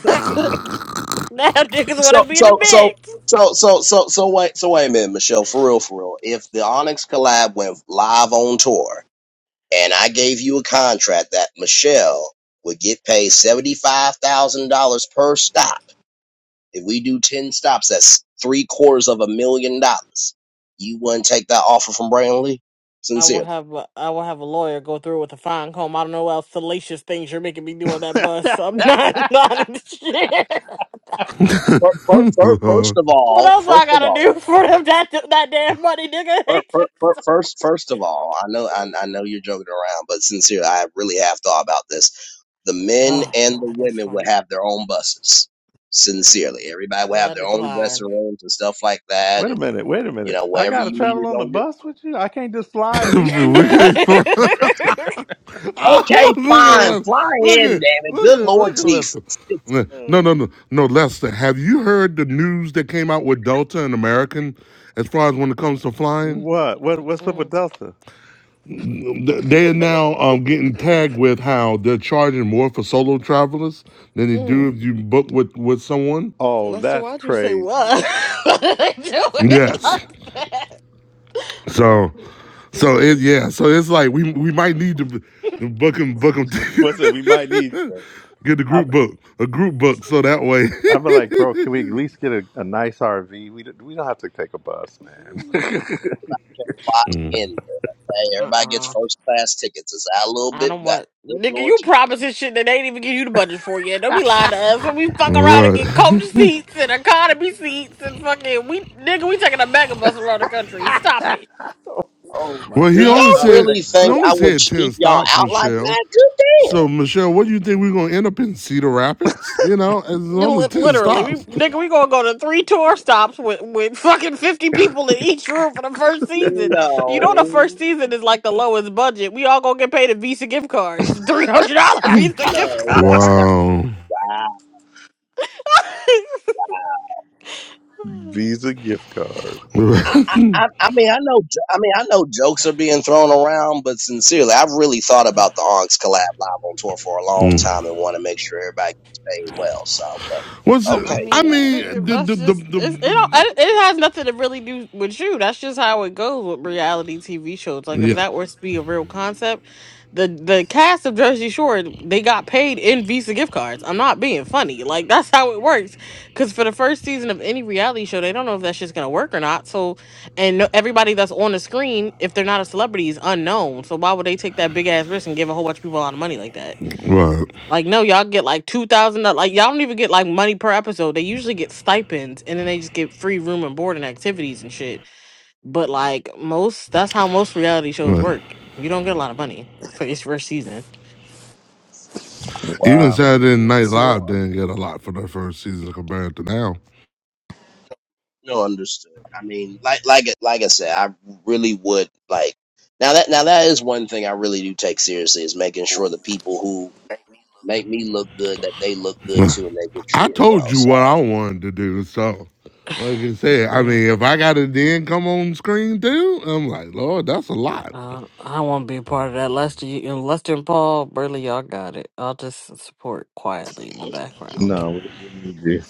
S5: now niggas want
S1: so
S5: to be the
S1: so so
S5: bitch.
S1: so so so so wait so wait a minute, Michelle, for real, for real. If the Onyx collab went live on tour, and I gave you a contract that Michelle would get paid $75,000 per stop. If we do 10 stops, that's three quarters of a million dollars. You wouldn't take that offer from Brandley?
S5: I will
S1: Sincerely.
S5: have a, I will have a lawyer go through with a fine comb. I don't know what else salacious things you're making me do on that bus. I'm not not in shit.
S1: Fir- fir- fir- First of
S5: What
S1: all,
S5: else
S1: first
S5: I
S1: of
S5: gotta do
S1: all,
S5: for them that that damn money, nigga?
S1: fir-
S5: They
S1: fir-
S5: just-
S1: fir- first, first of all, I know, I, I know you're joking around, but sincerely, I really have thought about this. The men
S5: oh
S1: and the
S5: god, that's
S1: women would
S5: funny.
S1: have their own buses. Sincerely,
S5: Mm-mm.
S1: everybody would
S5: Well,
S1: have
S5: I
S1: their own dressing
S5: decline.
S1: rooms and stuff like that and
S4: Wait a minute. Wait a
S1: You
S4: minute.
S1: know,
S4: I
S1: whatever
S4: gotta
S1: you
S4: travel
S1: needed
S4: on the
S1: on your.
S4: bus with you. I can't just fly and meet you
S3: we
S4: there.
S3: can't fly. Oh,
S1: Okay,
S3: look at
S1: fine.
S3: him.
S1: Fly
S3: Look
S1: in,
S3: at
S1: damn it.
S3: look
S1: Good
S3: at
S1: Lord
S3: look at
S1: Jesus.
S3: Lester.
S1: Just
S3: No, no,
S5: Mm,
S3: no, no, Lester. Have you heard the news that came out with Delta and American as far as when it comes to flying?
S4: What? What? What's up with
S5: mm,
S4: Delta?
S3: They are now um, getting tagged with how they're charging more for solo travelers than they do
S5: mm.
S3: if you book with, with someone.
S4: Oh,
S5: Lester,
S4: that's
S5: why'd you say
S4: crazy.
S5: what? Why did I do it
S3: Yes.
S5: like that?
S3: So,
S5: Fucking
S3: so it
S5: Stupid.
S3: yeah. So it's like we we might need to book them book them.
S4: What's it? We might need. you.
S3: Get a group
S4: I've
S3: book, a group book, so that way.
S4: I've been like, bro, can we at least get a, a nice RV? We don't- we don't have to take a bus, man.
S1: can fly in. Hey,
S5: Uh
S1: everybody
S5: uh
S1: gets first class tickets. It's out a little
S5: I
S1: bit
S5: don't
S1: better.
S5: want
S1: Good
S5: nigga.
S1: Lord
S5: You
S1: Jesus.
S5: promising shit that they ain't even give you the budget for yet. Don't be lying to us. And we fuck
S3: All
S5: around and
S3: Right.
S5: get coach seats and economy seats and fucking we nigga. We taking a mega bus around the country. Stop it.
S4: oh my
S3: Well,
S1: Do
S3: he
S4: god,
S3: only
S1: y'all
S4: not a
S3: said
S1: really
S4: mega
S3: he
S1: think
S4: bus.
S3: only
S1: I would
S3: said ten
S1: keep y'all
S3: stops,
S1: out like
S3: Michelle.
S1: that? Good
S3: So, Michelle, what do you think we're gonna end up in Cedar Rapids? You know, it's only
S5: Li-
S3: ten
S5: Literally, we
S3: stops.
S5: nigga. We gonna go to three tour stops with with fucking fifty people in each room for the first
S1: damn.
S5: season. You know the first
S1: No.
S5: season is like the lowest budget. We all gonna get paid a Visa gift cards. Three hundred dollar Visa gift
S1: No, that's not.
S5: card.
S3: Wow.
S1: I,
S4: Visa gift cards.
S1: I, I, I mean, I know. jo- I mean, I know jokes are being thrown around, but sincerely, I've really thought about the Honks collab live on tour for a long time and want to make sure everybody gets paid well. So, but
S3: What's
S5: I
S3: it-
S1: okay,
S3: I
S5: mean, look,
S3: mean the
S5: that's
S3: the the,
S5: just
S3: the,
S5: it's, it. Don't,
S3: the, the
S5: it it has nothing to really do with you. That's just how it goes with reality TV shows. Like if
S3: yeah.
S5: that were to be a real concept, the the cast of Jersey Shore they got paid in Visa gift cards. I'm not being funny. Like that's how it works. Because for the first season of any reality show, they don't know if that's just gonna work or not. So, and no, everybody that's on the screen, if they're not a celebrity, is unknown. So why would they take that big ass risk and give a whole bunch of people a lot of money like that?
S3: Right,
S5: Like, no, y'all get like two thousand. Like, y'all don't even get like money per episode. They usually get stipends, and then they just get free room and board and activities and shit. But like most, that's how most reality shows
S3: right.
S5: work. You don't get a lot of money for its first season.
S3: Even
S4: Wow.
S3: Saturday Night
S5: So,
S3: Live
S1: No, un-
S3: didn't get a lot for the first season compared to now.
S1: no, understood. I mean, like, like, like I said, I really would like. Now that, now that is one thing I really do take seriously is making sure the people who make me look good that they look good too and they get
S3: I
S1: treated well.
S3: told you
S1: So,
S3: what I wanted to do, so like I said, I
S5: mm,
S3: mean, if I got it then come on screen too, I'm like, Lord, that's a lot.
S5: uh, I won't be a part of that. Lester, you, and Lester and Paul Burley, y'all got it. I'll just support quietly in the background.
S4: No, we, we need you.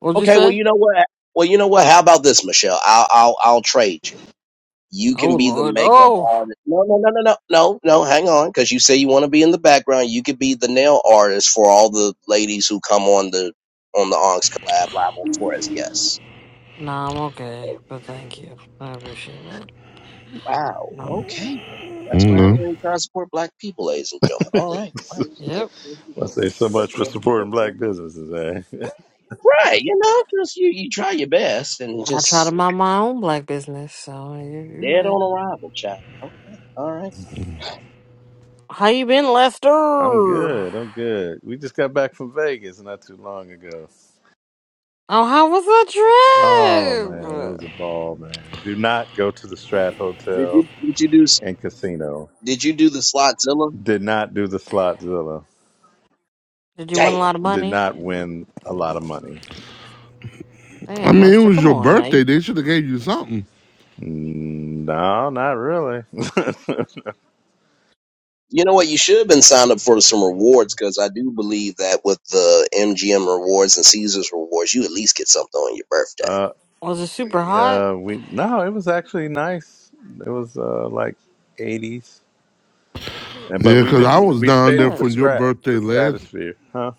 S5: What'd you
S1: okay, well,
S5: say?
S1: you know what? Well, you know what? How about this, Michelle? I'll, I'll, I'll trade you. You
S5: Oh
S1: can be the
S5: Lord,
S1: makeup
S5: oh.
S1: artist. No, no, no, no, no, no, no. Hang on, because you say you want to be in the background. You could be the nail artist for all the ladies who come on the on the Onyx collab live on tour as guests.
S5: Nah, I'm okay, but thank you. I appreciate it.
S1: Wow.
S5: No.
S1: Okay. That's what
S3: Mm-hmm.
S1: happens when you try to support black people, ladies and gentlemen. All right. Wow. Get-
S5: Yep.
S4: I say so much for supporting
S1: get- get-
S4: black businesses, eh?
S1: Right. You know, just you, you try your best and
S5: I try to
S1: just
S5: mind my own black business, so you're, you're
S1: dead
S5: right.
S1: on arrival, child. Okay. All right.
S5: How you been, Lester?
S4: I'm
S5: Oh,
S4: good. I'm good. We just got back from Vegas not too long ago.
S5: how was
S4: Oh
S5: the
S4: man, it
S5: trip?
S4: was a ball, man. Do not go to the Strat
S1: Did
S4: Hotel
S1: you did you do s-
S4: and casino.
S1: did you do the Slotzilla?
S4: Did not do the Slotzilla.
S5: Did you win a
S1: Damn.
S5: lot of
S4: Did
S5: money?
S4: not win a lot of money.
S3: I
S5: Damn,
S3: mean, it
S5: Lester,
S3: was
S5: come
S3: your
S5: on. Now. you-
S3: birthday. They should have gave you something.
S4: Mm, No, not really.
S1: You know what? You should have been signed up for some rewards because I do believe that with the MGM rewards and Caesars rewards, you at least get something on your birthday.
S4: uh,
S5: Was it super hot?
S4: uh, we no, it was actually nice. It was uh, like eighties, and but
S3: Yeah,
S4: we
S3: because I
S5: Oh,
S4: didn't.
S3: was
S5: okay.
S4: We
S3: down
S4: stayed
S3: there
S4: at the
S3: for
S5: Good.
S3: your
S4: Strat,
S3: birthday
S4: the
S3: last.
S4: Stratosphere, huh?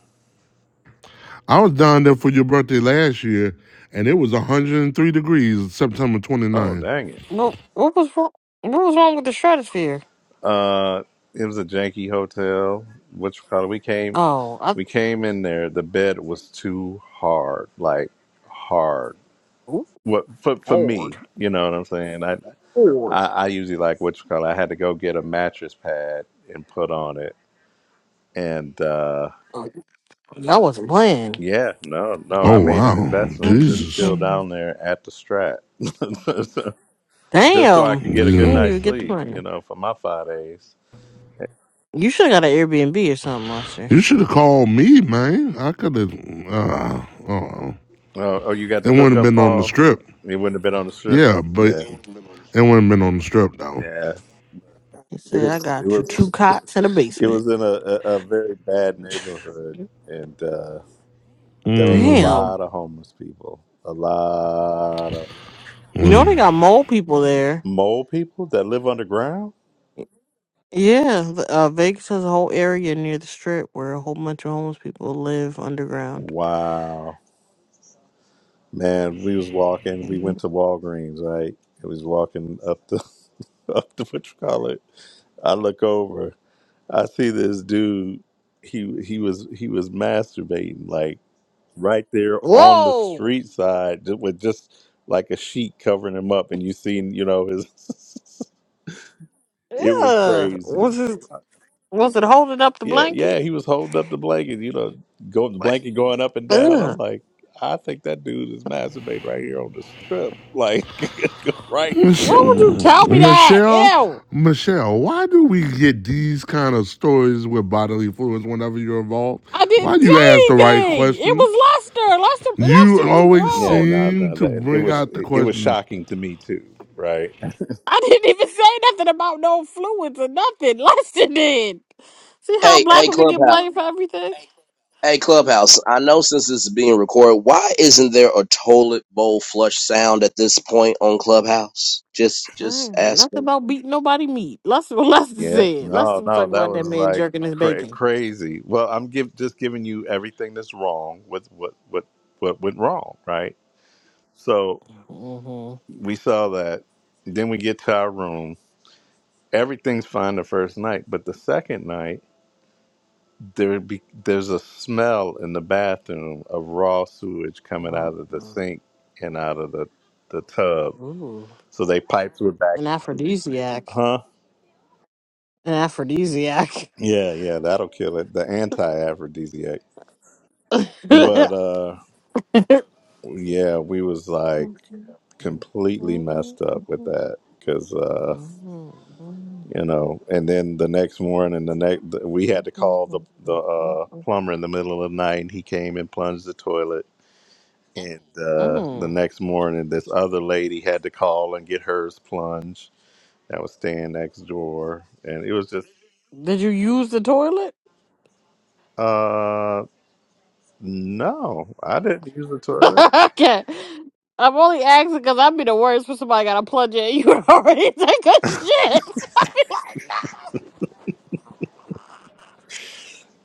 S3: I was down there for your birthday last year, and it was 103 degrees September
S4: Oh
S3: 29.
S4: dang
S5: Well, what was wrong? What was wrong with the stratosphere?
S4: Uh, it was a janky hotel. Which color we came?
S5: Oh, I
S4: We came in there. The bed was too hard, like hard.
S5: ooh,
S4: What for for
S5: hard,
S4: me? You know what I'm saying? I
S5: hard.
S4: I, I usually like which color. I had to go get a mattress pad and put on it. And uh,
S5: Oh, Y'all wasn't playing.
S4: yeah, no, no, I
S3: Oh
S4: made an
S3: wow,
S5: Damn,
S4: investment that's
S3: Jesus!
S4: still down there at the Strat, just so I
S5: you
S4: could get a good
S3: Yeah.
S5: didn't
S4: night's
S5: even get the
S4: sleep. You
S5: money.
S4: know, for my five days.
S5: You should have got an Airbnb or something, Lester.
S3: You should have called me, man. I could have. Uh, oh,
S4: Oh, oh, you got
S3: it
S4: the
S3: wouldn't have
S4: hookup,
S3: been on the
S4: Paul.
S3: strip.
S4: It wouldn't have been on the strip.
S3: Yeah, but
S4: Yeah,
S3: it wouldn't have been on the strip though.
S4: yeah.
S5: He
S4: It
S5: said, I
S4: was. It
S5: got you two
S4: was.
S5: cots in the
S4: It
S5: basement.
S4: was in a, a, a very bad neighborhood, and uh, there was a
S3: Mm.
S5: Damn.
S4: lot of homeless people. A lot of
S5: You know
S3: Mm.
S5: they got mole people there.
S4: mole people that live underground.
S5: Yeah, the- uh, Vegas has a whole area near the strip where a whole bunch of homeless people live underground.
S4: Wow, man. We was walking. We went
S5: Mhm.
S4: to Walgreens, right? And We was walking up the up the what you call it. I look over I see this dude. He he was he was masturbating like right there on the
S5: Whoa!
S4: street side ju- with just like a sheet covering him up, and you seen you know his. it was
S5: Yeah.
S4: crazy.
S5: Was it was it holding up the
S4: Yeah, yeah,
S5: blanket?
S4: he was holding up the blanket. You know, go the
S5: Like,
S4: blanket going up and down. I'm
S5: ugh.
S4: like, I think that dude is masturbating right here on the strip, like right
S3: Mich-
S4: here.
S5: Why would you tell me that?
S3: Michelle,
S5: Ew.
S3: Michelle, why do we get these kind of stories with bodily fluids whenever you're involved?
S5: I
S3: Why
S5: didn't
S3: do
S5: say
S3: you ask the right
S5: anything. It
S3: questions?
S5: was Lester. Lester.
S3: You
S5: Lester is
S3: always
S4: Yeah,
S5: grown.
S4: no,
S3: seem
S4: no,
S3: to
S4: that it
S3: bring
S4: was
S3: out the
S4: it was
S3: question
S4: shocking to me too. Right.
S5: I didn't even say nothing about no fluids or nothing. Lester did. See how
S1: Hey,
S5: black
S1: hey,
S5: women get
S1: Clubhouse.
S5: blamed for everything?
S1: Hey,
S5: I
S1: Clubhouse, I know since this is being recorded, why isn't there a toilet bowl flush sound at this point on Clubhouse? Just just
S5: ain't say nothing
S1: asking.
S5: about beating nobody meat. Lester what Lester
S4: Yeah,
S5: said.
S4: no,
S5: Lester was
S4: no,
S5: talking
S4: that
S5: about that
S4: was
S5: man
S4: like
S5: jerking his
S4: cra-
S5: bacon.
S4: crazy. Well, I'm give just giving you everything that's wrong with what what what went wrong, right? So
S5: Mm-hmm.
S4: we saw that. Then we get to our room. Everything's fine the first night, but the second night there be, there's a smell in the bathroom of raw sewage coming
S5: Oh,
S4: out of the
S5: no.
S4: sink and out of the the tub.
S5: Ooh.
S4: So they piped it back
S5: An
S4: in.
S5: aphrodisiac.
S4: Huh?
S5: An aphrodisiac.
S4: Yeah, yeah, that'll kill it. The anti-aphrodisiac. But uh Yeah, we was like completely messed up with
S5: Mm.
S4: that because uh, you know. And then the next morning, the next we had to call the the uh, plumber in the middle of the night, and he came and plunged the toilet. And uh, the next morning, this other lady had to call and get hers plunged. That was staying next door, and it was just
S5: Did you use the toilet?
S4: uh no, I didn't use the toilet.
S5: okay. I'm only asking because I'd be the worst for somebody got a plunge in. You already take a shit. I'd be like, no.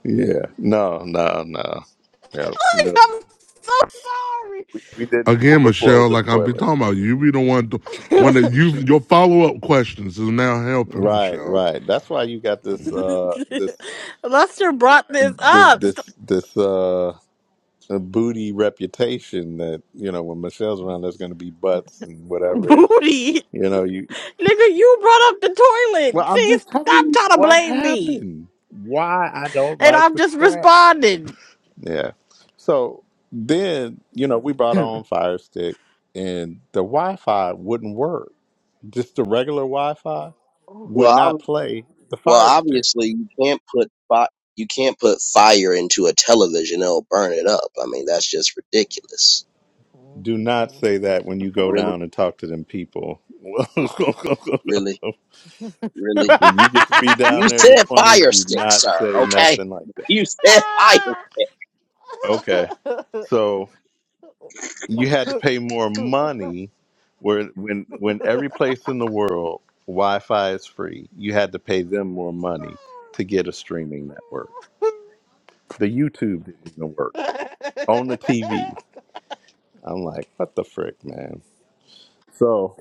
S4: Yeah, no, no, no, no,
S5: Like,
S4: no.
S5: I'm so
S4: We, we didn't
S3: again,
S4: overflow
S3: Michelle.
S4: the
S3: Like I'm be
S4: toilet.
S3: talking about, you be the one, to, one that you
S5: sorry.
S3: your follow up questions is now helping
S4: Right,
S3: Michelle.
S4: right. That's why you got this uh this
S5: Lester brought this
S4: this
S5: up. Stop-
S4: this this uh booty reputation that, you know, when Michelle's around there's gonna be butts and whatever. You
S5: Booty.
S4: know, you
S5: Nigga, you brought up the
S4: Well,
S5: toilet.
S4: I'm
S5: See,
S4: just
S5: stop
S4: telling you
S5: trying to
S4: what
S5: blame me.
S4: happened. Why I don't
S5: And
S4: like
S5: I'm
S4: the
S5: just
S4: strap.
S5: responding.
S4: Yeah. So then, you know, we brought on Fire Stick and the Wi Fi wouldn't work. Just the regular Wi Fi
S5: Oh,
S1: Well,
S4: would not
S1: ob-
S4: play the
S1: well,
S4: Fire Stick.
S1: obviously you can't put fi- you can't put fire into a television; it'll burn it up. I mean, that's just ridiculous.
S5: mm,
S4: Do not say that when you go
S1: Really,
S4: down and talk to them people.
S1: really, really.
S4: when you get to be
S1: You
S4: down there in the
S1: said
S5: mm.
S4: 20,
S1: fire
S4: do
S1: stick,
S4: not
S1: sir.
S4: say
S1: Okay,
S4: nothing like that.
S1: you said fire.
S4: Okay.
S5: Ah!
S4: So you had to
S5: oh
S4: pay more money where when when every place in the world Wi-Fi is free, you had to pay them more money to get a streaming network. The YouTube didn't even work on the TV. I'm like, what the frick, man? So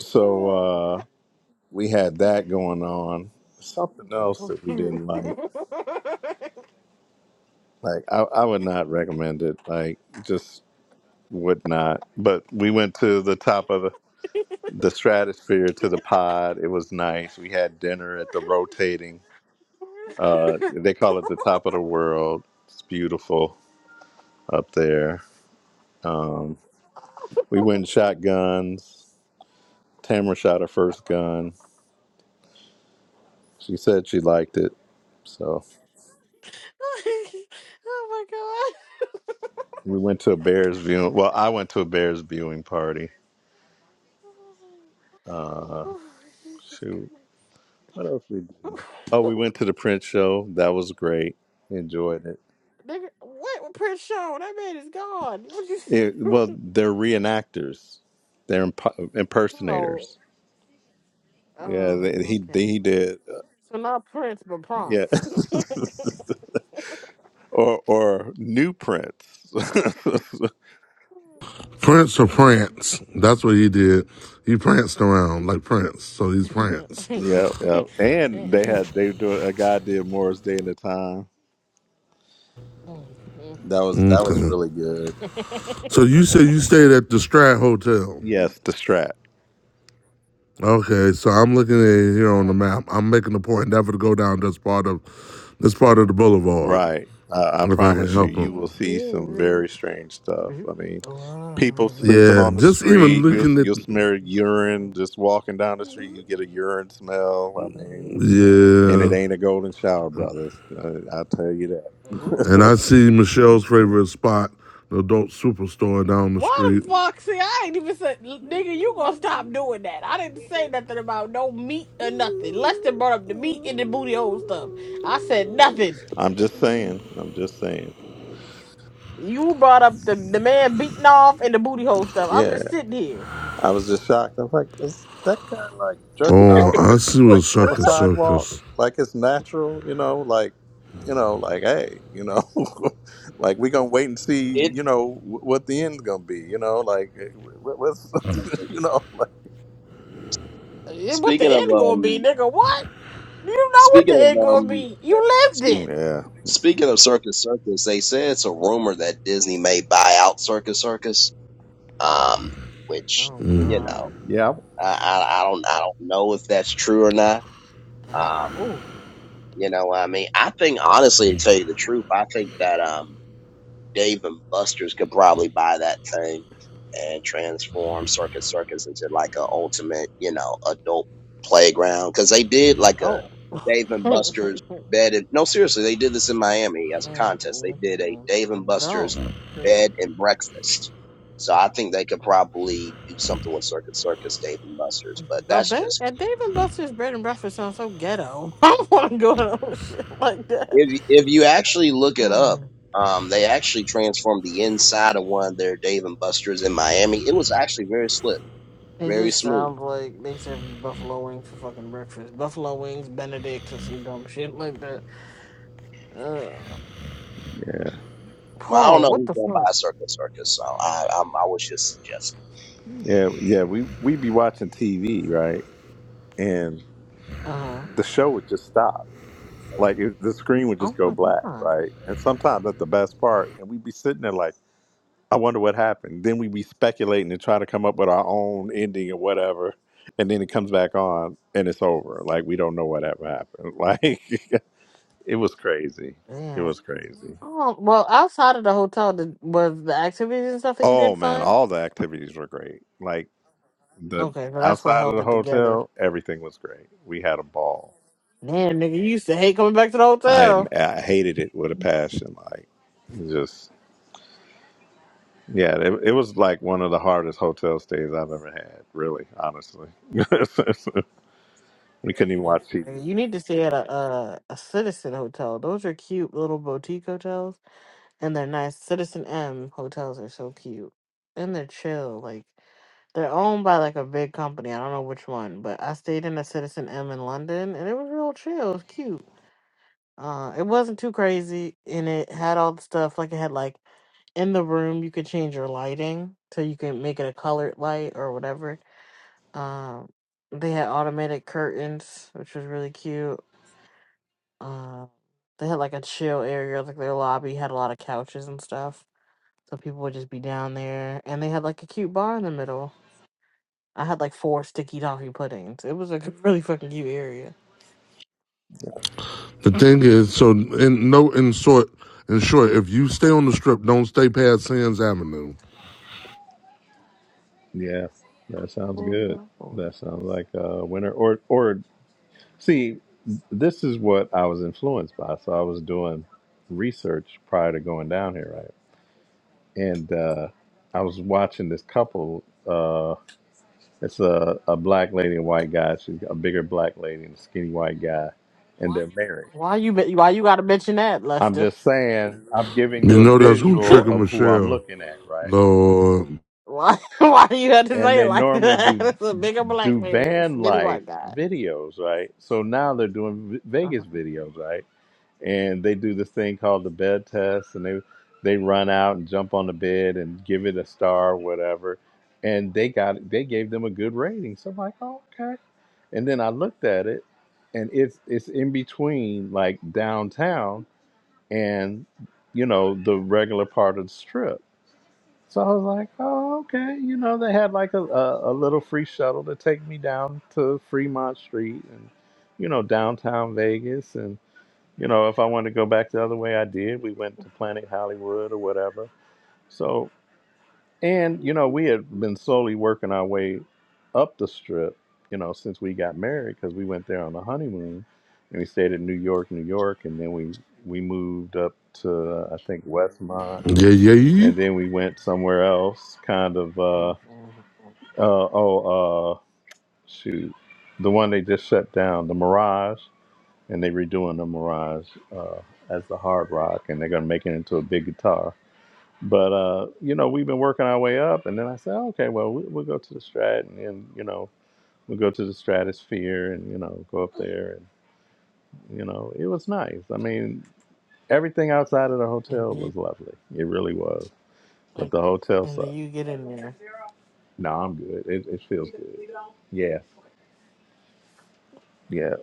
S4: so uh, we had that going on. Something else that we didn't like. Like I, I would not recommend it. Like just would not. But we went to the top of the, the stratosphere to the pod. It was nice. We had dinner at the rotating. Uh, they call it the top of the world. It's beautiful up there. Um, we went and shot guns. Tamara shot her first gun. She said she liked it. So
S5: my god.
S4: we went to a Bears viewing. Well, I went to a Bears viewing party.
S5: Oh, Jesus
S4: Shoot.
S5: Christ.
S4: What else we do? Oh, we went to the print show. That was great. Enjoyed it.
S5: Nigga, what? Prince Sean, that man is gone. What you see?
S4: it well, they're reenactors. They're imp-
S5: oh,
S4: impersonators. Yeah,
S5: oh,
S4: they, he they,
S5: okay.
S4: he did.
S5: So not Prince, but
S4: uh, Yeah,
S5: Prince.
S4: or or new prints.
S3: Prince or prance? That's what he did. He pranced around like Prince, so he's prance.
S4: yeah, yeah. And they had they were doing a guy did Morris Day in the Time.
S5: Mm, mm.
S4: That was that was
S3: Okay.
S4: really good.
S3: So you said you stayed at the Strat Hotel.
S4: Yes, the Strat.
S3: Okay, so I'm looking at it here on the
S5: Strut.
S3: map. I'm making a point never to go down this part of this part of the
S5: Mm,
S3: boulevard
S4: Right. I I
S3: if I can
S4: promise you,
S3: help him.
S4: you will
S5: mm, mm,
S4: see some
S5: mm.
S4: very strange stuff. I mean. people
S5: Mm,
S4: sleeping
S3: Yeah,
S4: on the
S3: just even
S4: street. You'll
S3: looking at
S4: you'll smell urine
S5: mm.
S4: just walking down the street. You get a urine smell. I mean, and it
S3: yeah,
S4: ain't a golden shower, brothers. Uh, I'll tell you
S3: and I
S4: that.
S5: Ooh.
S3: see Michelle's favorite spot, the adult superstore down the
S5: What
S3: street.
S5: the fuck? See, I ain't even said, "L- nigga, you gonna stop doing that. I didn't say nothing about no meat or nothing. Less than brought up the meat and the booty hole stuff. I said nothing.
S4: I'm just saying. I'm just saying.
S5: You brought up the, the man beating off and the booty hole stuff. I'm
S4: Yeah,
S5: just sitting here.
S4: I was just shocked. I was like, is that guy like jerking
S3: Oh,
S4: off
S3: I see what
S4: like on the
S3: circus
S4: sidewalk?
S3: circus.
S4: Like it's natural, you know? Like. You know, like, hey, you know, like we gonna wait and see,
S5: I
S1: It.
S4: you
S5: know.
S4: know, wh- what the end's gonna be, you know, like, eh, wh- what's, you know, like,
S5: Eh, What the
S1: Speaking of
S5: end gonna be,
S1: um,
S5: nigga? What? You know what the
S1: speaking
S5: end
S1: of
S5: gonna
S1: um,
S5: be. You lived it.
S4: Mm,
S1: Speaking of Circus Circus, they say it's a rumor that Disney may buy out Circus Circus. Um, which
S5: Oh
S1: you
S5: God.
S1: know,
S4: Yeah. Yeah.
S1: I, I I don't I don't know if that's true or not.
S5: Ow.
S1: Um, you know, what I mean, I think honestly, to tell you the truth, I think that um Dave and Buster's could probably buy that thing and transform Circus Circus into like a ultimate, you know, adult playground. Cause they did
S5: I
S1: like a
S5: don't.
S1: Dave and Buster's bed. And, no, seriously, they did this in Miami as a contest. They did a
S5: Mhm.
S1: Dave
S5: I
S1: and Buster's
S5: don't. Period.
S1: bed and breakfast. So
S5: Oh,
S1: I think they could
S5: fuck.
S1: probably do something with Circus Circus, Dave and Buster's, but
S5: I
S1: that's
S5: bet
S1: just
S5: that Dave and Buster's bread and breakfast sounds so ghetto. I don't want to go to no shit like that.
S1: If you- if you actually look it up,
S5: Mm.
S1: um, they actually transformed the inside of one of their Dave and Buster's in Miami. It was actually very slick,
S5: It
S1: very
S5: just
S1: smooth.
S5: sounds like they serving buffalo wings for fucking breakfast. Buffalo wings, Benedict, or some dumb shit like that. Uh,
S4: Yeah.
S1: Well, I don't
S5: Paul,
S1: know
S5: what
S1: who's
S5: the
S1: going to
S5: fuck?
S1: buy Circus Circus, so I I, I was just suggesting.
S4: Yeah. Yeah. We we'd be watching TV, right? And
S5: Uh,
S4: the show would just stop. Like it, the screen would
S5: oh
S4: just go
S5: my
S4: black,
S5: god,
S4: right? And sometimes that's the best part. And we'd be sitting there like, I wonder what happened. Then we'd be speculating and try to come up with our own ending or whatever. And then it comes back on and it's over. Like we don't know what ever happened. Like it was crazy. It
S5: damn.
S4: was crazy.
S5: Oh, well, outside of the hotel, did, was the activities and stuff that you
S4: Oh
S5: did
S4: man,
S5: fun?
S4: all the activities were great. Like The
S5: Okay, so that's what
S4: outside of
S5: held
S4: the
S5: it together.
S4: hotel, everything was great. We had a ball.
S5: Damn, nigga, you used to hate coming back to the
S4: I
S5: hotel.
S4: I hated it with a passion. Like it just yeah, it, it was like one of the hardest hotel stays I've ever had. Really, honestly, we couldn't even
S5: Yeah,
S4: watch TV.
S5: Nigga, you need to stay at a, a a Citizen hotel. Those are cute little boutique hotels, and they're nice. Citizen M hotels are so cute, and they're chill. Like they're owned by like a big company. I don't know which one, but I stayed in a Citizen M in London, and it was real chill. It was cute. Uh, it wasn't too crazy, and it had all the stuff. Like it had like in the room, you could change your lighting so you can make it a colored light or whatever Um, they had automated curtains, which was really cute. Um, they had like a chill area, like their lobby had a lot of couches and stuff, so people would just be down there. And they had like a cute bar in the middle. I had like four sticky toffee puddings. It was like, a really fucking cute area.
S3: The thing is, so in no in short, in short, if you stay on the strip, don't stay past Sands Avenue.
S4: Yeah, that sounds
S5: Hold
S4: good.
S5: on, hold on.
S4: That sounds like a winner. Or or see, this is what I was influenced by. So I was doing research prior to going down here, right? And uh, I was watching this couple. It's a, a black lady and white guy. She's a bigger black lady and a skinny white guy, and they're married.
S5: Why you be- why you gotta mention that,
S4: I'm
S5: Lester?
S4: just saying, I'm giving you
S3: You
S4: a
S3: know that's gonna
S4: visual
S3: trigger
S4: of who I'm
S3: Michelle.
S4: looking at, right?
S3: Lord,
S5: Why why you had to
S4: And
S5: say it
S4: they
S5: like
S4: normally
S5: that?
S4: do
S5: It's a bigger black
S4: do
S5: man,
S4: van
S5: skinny
S4: life
S5: white guy.
S4: videos, right? So now they're doing Ve-
S5: Uh-huh.
S4: Vegas videos, right? and they do this thing called the bed test and they they run out and jump on the bed and give it a star or whatever and they got they gave them a good rating so i'm like oh, okay and then i looked at it and it's it's in between like downtown and you know the regular part of the strip so i was like oh okay you know they had like a, a, a little free shuttle to take me down to fremont street and you know downtown vegas you know, if I wanted to go back the other way, I did. We went to Planet Hollywood or whatever. So, and you know, we had been slowly working our way up the strip, you know, since we got married because we went there on the honeymoon and we stayed in New York, New York, and then we we moved up to uh, I think Westmont,
S3: yeah, yeah, yeah.
S4: and then we went somewhere else, kind of uh,
S5: And
S4: uh oh uh shoot, the one they just shut down, the Mirage and they redoing the Mirage uh, as the hard rock, and they're gonna make it into a big guitar. But uh, you know, we've been working our way up, and then I said, okay, well, we, we'll go to the Strat, and, then you know, we'll go to the Stratosphere, and you know, go up there, and you know, it was nice. I mean, everything outside of the hotel was
S5: then,
S4: lovely. It really was, but
S5: and
S4: the hotel
S5: then
S4: sucked.
S5: you get in there.
S4: No, I'm good. It, it feels you good. Leave it all? Yeah, yeah.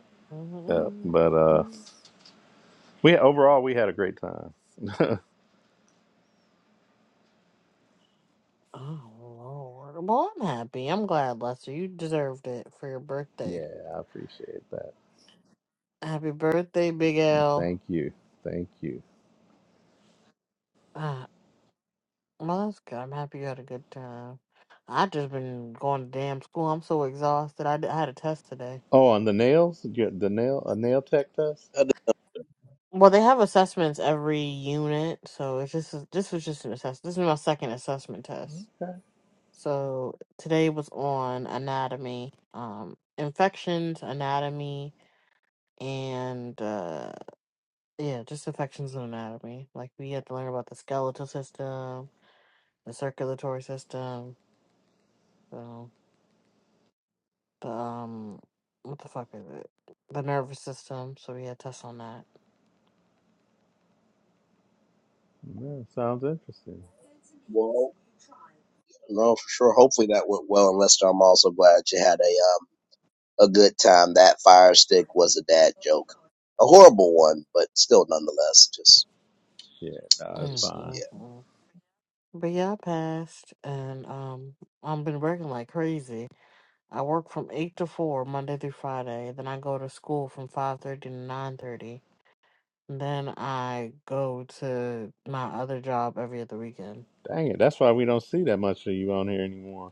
S4: Uh,
S5: Mm-hmm.
S4: but uh,
S5: Mm-hmm.
S4: we overall we had a great time.
S5: Oh Lord. Well, I'm happy. I'm glad, Lester. You deserved it for your birthday.
S4: Yeah, I appreciate that.
S5: Happy birthday, Big L.
S4: Thank you. Thank you.
S5: Ah, well, that's good. I'm happy you had a good time. I just been going to damn school. I'm so exhausted. I, d- I had a test today.
S4: Oh, on the nails? You got The nail a nail tech test?
S1: Uh,
S5: Well, they have assessments every unit, so it's just this was just an assessment. This is my second assessment test. So today was on anatomy, um, infections, anatomy, and uh Yeah, just affections and anatomy. Like we had to learn about the skeletal system, the circulatory system, so the um, what the fuck is it? The nervous system. So we had tests on that.
S4: Yeah, sounds interesting.
S1: Well, no, for sure. Hopefully that went well. And Lester, I'm also glad you had a um a good time. That fire stick was a dad joke, a horrible one, but still nonetheless, just
S4: Yeah, no, it's
S5: Mm,
S1: just
S4: fine.
S5: mm,
S1: yeah.
S5: mm. But yeah, I passed, and um, I've been working like crazy. I work from eight to four Monday through Friday. Then I go to school from five thirty to nine thirty. Then I go to my other job every other weekend.
S4: Dang it. That's why we don't see that much of you on here anymore.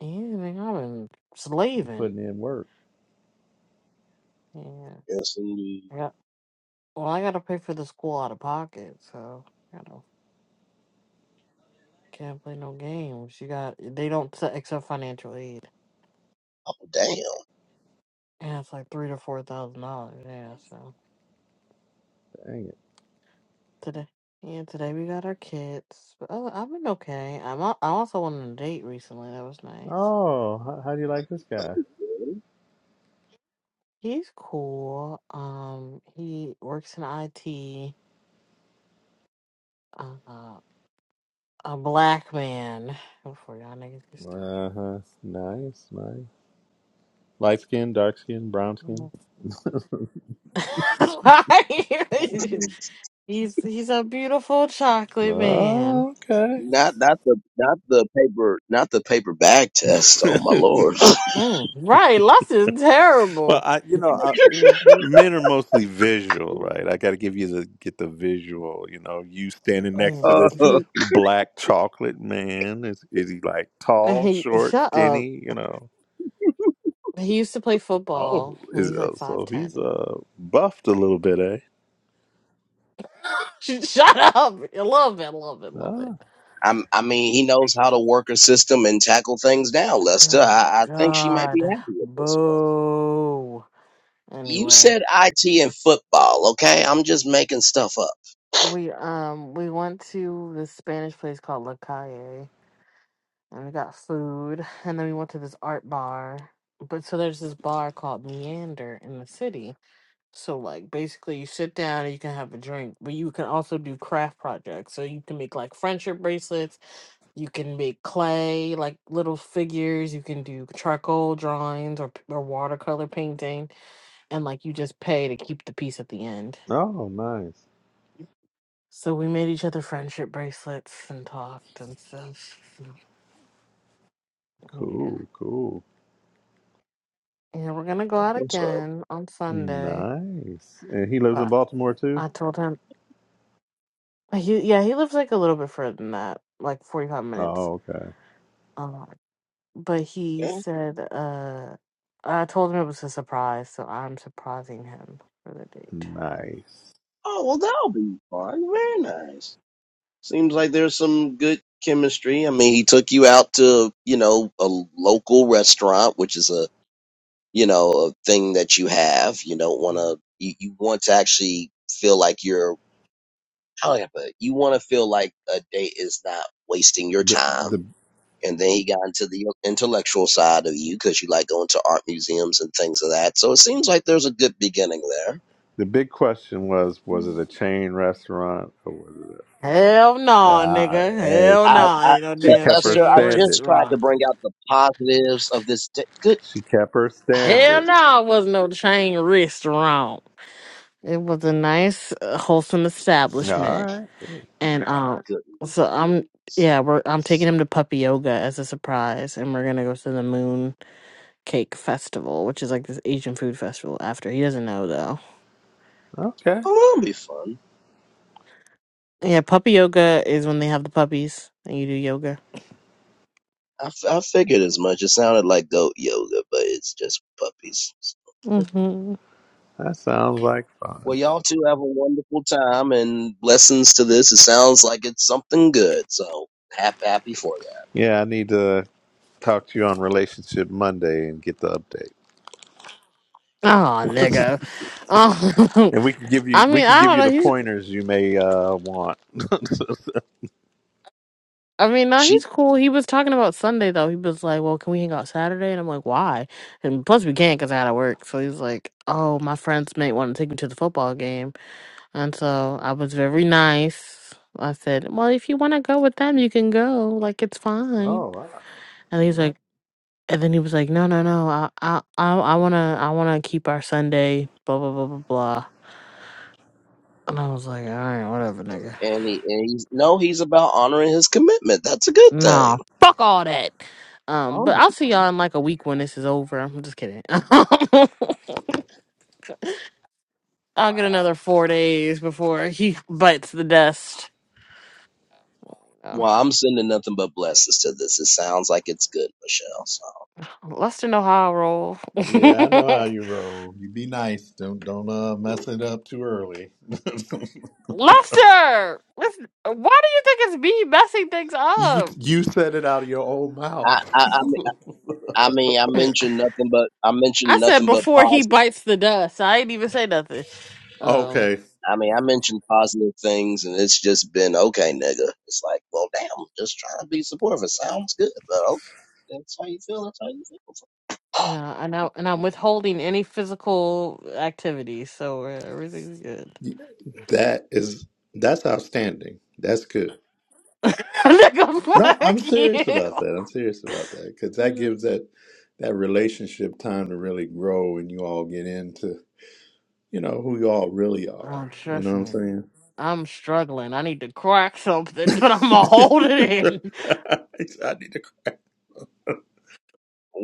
S5: Yeah, man, I've been
S4: You
S5: slaving.
S4: putting in work.
S5: Yeah.
S1: Yes, indeed.
S5: I got, well, I got to pay for the school out of pocket, so I you know can't play no games. You got they don't s- accept financial aid,
S1: Oh damn.
S5: and it's like three to four thousand dollars. Yeah, so
S4: Dang it.
S5: today, yeah, today we got our kids. But other, I've been okay. I'm al- I also went on a date recently. That was nice.
S4: Oh, how, how do you like this guy?
S5: He's cool. Um, he works in IT. Uh, a black man. Before y'all niggas get started.
S4: Uh huh. Nice, nice. Light skin, dark skin, brown skin.
S1: man.
S5: he's he's a beautiful chocolate man.
S4: Oh, okay.
S1: Not not the not the paper not the paper bag test. Oh my lord.
S5: Mm, right, Lux is
S4: well,
S5: terrible.
S4: I, you know,
S5: He's a
S4: Men are mostly visual, right? I
S5: beautiful
S4: got to give you the get the visual. You know, you standing next
S5: man.
S4: to this
S1: Uh,
S5: He,
S4: black chocolate man. Is is he like tall,
S5: he
S4: short,
S5: shut up.
S4: skinny? You know.
S5: He used to play
S4: Oh,
S5: football when
S4: is
S5: he's like
S4: uh,
S5: five
S4: so he's
S5: ten.
S4: uh buffed a little bit, eh?
S5: Shut up! I love it, love it, love it.
S4: Ah,
S1: I'm I mean he knows how to work a system and tackle things down, Lester.
S5: Oh
S1: I, I think she might be
S5: God,
S1: happy with this one.
S5: boo.
S1: You
S5: Anyway,
S1: said IT and football, okay? I'm just making stuff up.
S5: we um we went to this Spanish place called La Calle. and we got food, and then we went to this art bar. But so there's this bar called Meander in the city. So like basically you sit down and you can have a drink, but you can also do craft projects. So you can make like friendship bracelets, you can make clay, like little figures, you can do charcoal drawings or p- or watercolor painting, and like you just pay to keep the piece at the end.
S4: oh, nice,
S5: So we made each other friendship bracelets and talked and stuff. So, Yeah.
S4: cool, cool,
S5: Yeah, we're gonna go out
S1: What's up?
S5: again on Sunday.
S4: nice. And he lives in
S5: But
S4: Baltimore too.
S5: I told him he yeah, he lives like a little bit further than that, like forty five minutes.
S4: Oh, okay,
S5: Um but he
S1: Okay.
S5: said uh I told him it was a surprise, so I'm surprising him for the date.
S4: nice.
S1: Oh well that'll be fun. Very nice. Seems like there's some good chemistry. I mean he took you out to, you know, a local restaurant, which is a you know, a thing that you have. You don't want to, you, you want to actually feel like you're, how do I put it? You want to feel like a date is not wasting your
S4: the
S1: time.
S4: the
S1: And then he got into the intellectual side of you because you like going to art museums and things of that. So it seems like there's a good beginning there.
S4: The big question was: Was it
S5: Mm.
S4: a chain restaurant, or was it?
S5: Hell no,
S4: Uh,
S5: nigga.
S4: hey,
S5: Hell
S1: I,
S4: she
S5: no,
S1: I
S5: ain't no
S4: she
S1: Le-
S5: damn
S4: kept her
S1: Lester,
S5: chain
S1: I
S4: standard.
S1: just tried to
S5: restaurant.
S1: bring out the positives of this. da- good
S4: She kept her
S5: Hell
S4: standard.
S5: no, it was no chain restaurant. It was a nice, uh, wholesome
S4: No, all
S5: establishment,
S4: right,
S5: and um, so I'm
S1: goodness,
S5: yeah, we're I'm taking him to puppy yoga as a surprise, and we're gonna go to the Moon Cake Festival, which is like this Asian food festival. After he doesn't know though.
S4: okay,
S1: oh, that'll be fun.
S5: Yeah, puppy yoga is when they have the puppies and you do yoga.
S1: I, f- I figured as much. It sounded like goat yoga, but it's just puppies.
S5: hmm Oh,
S4: that sounds like fun.
S1: Well, y'all two have a wonderful time and blessings to this. It sounds like it's something good, so happy, happy for that.
S4: Yeah, I need to talk to you on Relationship Monday and get the update,
S5: nigga. Oh,
S4: and we can give
S5: I
S4: you we
S5: mean,
S4: can
S5: I
S4: give
S5: don't
S4: you the
S5: know.
S4: pointers you may uh, want.
S5: I mean, nah,
S1: She
S5: he's cool. He was talking about Sunday though. He was like, "Well, can we hang out Saturday?" And I'm like, "Why?" And plus, we can't because I had to work. So he's like, "Oh, my friends may want to take me to the football game," and so I was very nice. I said, "Well, if you want to go with them, you can go. Like, it's fine."
S4: Oh, wow.
S5: And he's like, and then he was like, "No, no, no. I, I, I, I wanna, I wanna keep our Sunday." Blah blah blah blah blah. And I was like, "All right, whatever, nigga."
S1: and he and he's no, he's about honoring his commitment. That's a good
S5: Nah,
S1: thing.
S5: fuck all that. Um,
S1: Oh
S5: but
S1: my
S5: I'll see y'all in like a week when this is over. I'm just kidding. I'll get
S1: wow.
S5: another four days before he bites the dust. Oh,
S1: Well, I'm sending nothing but blessings to this. It sounds like it's good, Michelle. So
S5: Lester know how I roll.
S4: yeah, I know how you roll. You be nice. Don't don't uh,
S1: mm.
S4: mess it up too early.
S5: Lester, listen, why do you think it's me messing things
S4: you
S5: up?
S4: you said it out of your own
S1: I
S4: mouth.
S1: I I mean I, mean, I mentioned nothing but I mentioned
S5: I said
S1: nothing but
S5: before
S1: positive.
S5: he bites the dust. I ain't even say nothing. Um,
S4: okay,
S1: I mean, I mentioned positive things, and it's just been okay, nigga. It's like, well, damn, just trying to be supportive. It sounds good, but okay, that's how you feel. That's how you feel.
S5: no, and I and I'm withholding any physical activity, so uh, everything's good.
S4: That is that's outstanding. That's good.
S5: Nigga,
S4: No, I'm serious about
S5: fuck
S4: that. I'm serious about that because that
S5: you.
S4: gives that that relationship time to really grow, and you all get into you know who you all really
S5: Oh,
S4: are. You know
S5: trust
S4: what I'm
S5: me.
S4: saying?
S5: I'm struggling. I need to crack something, but I'm gonna hold it in.
S4: I need to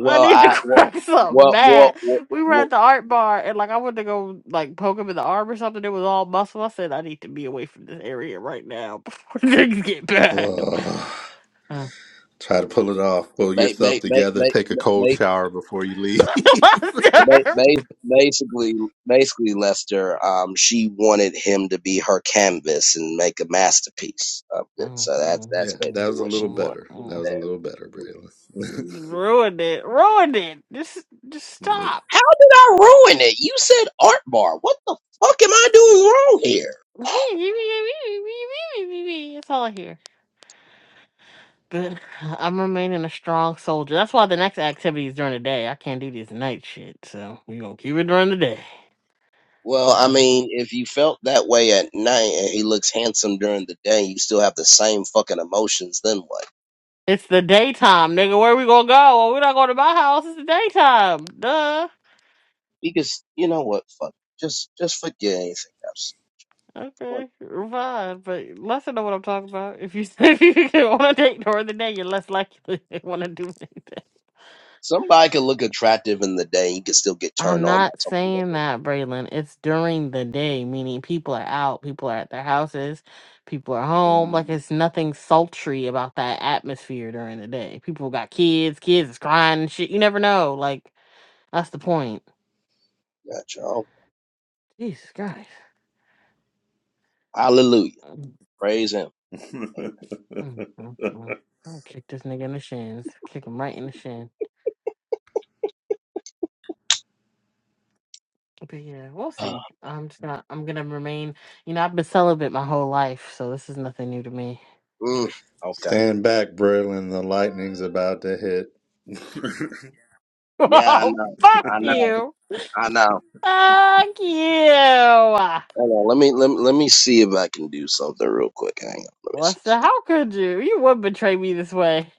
S5: I need to
S1: I well,
S5: crack something
S1: well, well,
S5: mad.
S1: well,
S5: We were
S1: well
S5: at the art bar and like I went to go like poke him in the arm or something. It was all muscle. I said I need to be away from this area right now before things get bad.
S4: Ugh.
S5: Uh.
S4: try to pull it off. Pull
S1: ba-
S4: yourself
S1: ba- ba-
S4: together.
S1: ba-
S4: Take a cold
S1: ba-
S4: shower before you leave.
S1: ba- ba- basically, basically, Lester, um, she wanted him to be her canvas and make a masterpiece of it.
S5: Mm,
S1: So that's
S5: mm,
S4: yeah,
S1: that's
S4: that
S5: mm,
S1: basically
S4: was a
S1: what
S4: little
S1: she
S5: mm,
S1: wanted
S4: better.
S1: to
S4: That
S5: mm.
S4: was a little better,
S5: It
S4: Braylon.
S1: do
S5: just
S1: there.
S5: ruined it. Ruined it. Just just stop.
S1: How did I ruin it? You said art bar. What the fuck am I doing wrong here?
S5: That's all I hear. But I'm remaining a strong soldier. That's why the next activity is during the day. I can't do this night shit. So we're going to keep it during the day.
S1: Well, I
S5: Um,
S1: mean, if you felt that way at night and he looks handsome during the day, you still have the same fucking emotions. Then what?
S5: It's the daytime, nigga. Where we going to go? Well, we're not going to my house. It's the daytime. Duh.
S1: Because you know what? Fuck. Just just forget anything else. Come on.
S5: Okay, fine. But less know what I'm talking about. If you if you want to date during the day, you're less likely to want to do anything.
S1: Somebody can look attractive in the day. You can still get turned
S5: I'm
S1: on by
S5: not
S1: something that
S5: saying that, Braylon. It's during the day, meaning people are out, people are at their houses, people are home. Like it's nothing sultry about that atmosphere during the day. People got kids, kids is crying and shit. You never know. Like that's the point.
S1: they got. Y'all.
S5: Jesus Christ.
S1: Hallelujah.
S5: Mm,
S1: Praise him.
S4: Yeah.
S1: Amen.
S5: mm, mm, mm. i kick this nigga in the shins. Kick him right in the shin. But yeah, we'll
S1: Ah,
S5: see. I'm just gonna I'm gonna remain you know, I've been celibate my whole life, so this is nothing new to me.
S1: mm, okay.
S4: Stand back, Braylon. The lightning's about to hit.
S1: Yeah, I
S5: oh
S1: know.
S5: fuck
S1: I know.
S5: you.
S1: I know.
S5: Fuck you,
S1: Hang on, let me let me, let me see if I can do something real quick. Hang on, let me see something.
S5: Lester. How could you? You would betray me this way.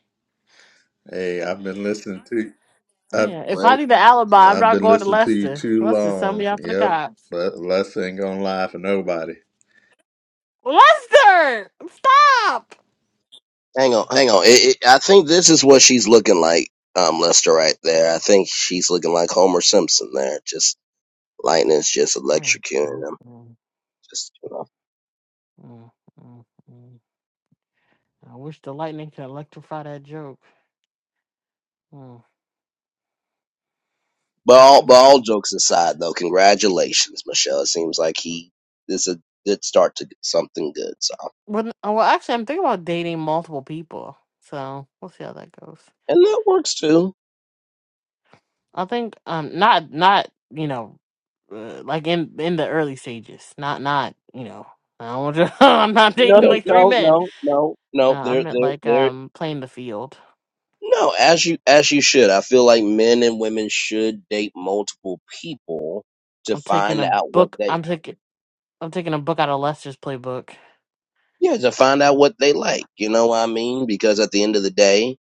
S4: Hey, I've been listening to I've
S5: Yeah. If I
S1: Wait,
S5: need an alibi, I'm
S4: I've
S5: not
S4: been
S5: going to
S4: listening to you
S5: Lester.
S4: too
S5: Lester, send
S4: long.
S5: me out to the
S4: Yep.
S5: cops.
S4: But Les ain't gonna lie for nobody.
S5: Lester, stop!
S1: hang on, hang on. It, it, I think this is what she's looking like, um, Lester, right there. I think she's looking like Homer Simpson there. Just lightning's just
S5: Mm, mm,
S1: electrocuting him.
S5: mm,
S1: Just you know.
S5: mm, mm, mm. I wish the lightning could electrify that joke. Mm.
S1: But all but
S5: But no.
S1: all jokes aside, though, congratulations, Michelle. It seems like he this a good start to something good. So
S5: Well, n- oh, well, actually, I'm thinking about dating multiple people, so we'll see how that goes.
S1: and that works too.
S5: I think um not not you know uh, like in in the early stages not not you know I don't want to I'm not
S1: No,
S5: dating
S1: no,
S5: like three
S1: no,
S5: men
S1: no, no.
S5: no
S1: no,
S5: I
S1: There,
S5: meant
S1: there,
S5: like
S1: there.
S5: um playing the field
S1: No, as you as you should. I feel like men and women should date multiple people to
S5: I'm taking
S1: find
S5: a
S1: out what
S5: book
S1: they
S5: I'm taking I'm taking a book out of Lester's playbook
S1: yeah, to find out what they like. You know what I mean? Because at the end of the day,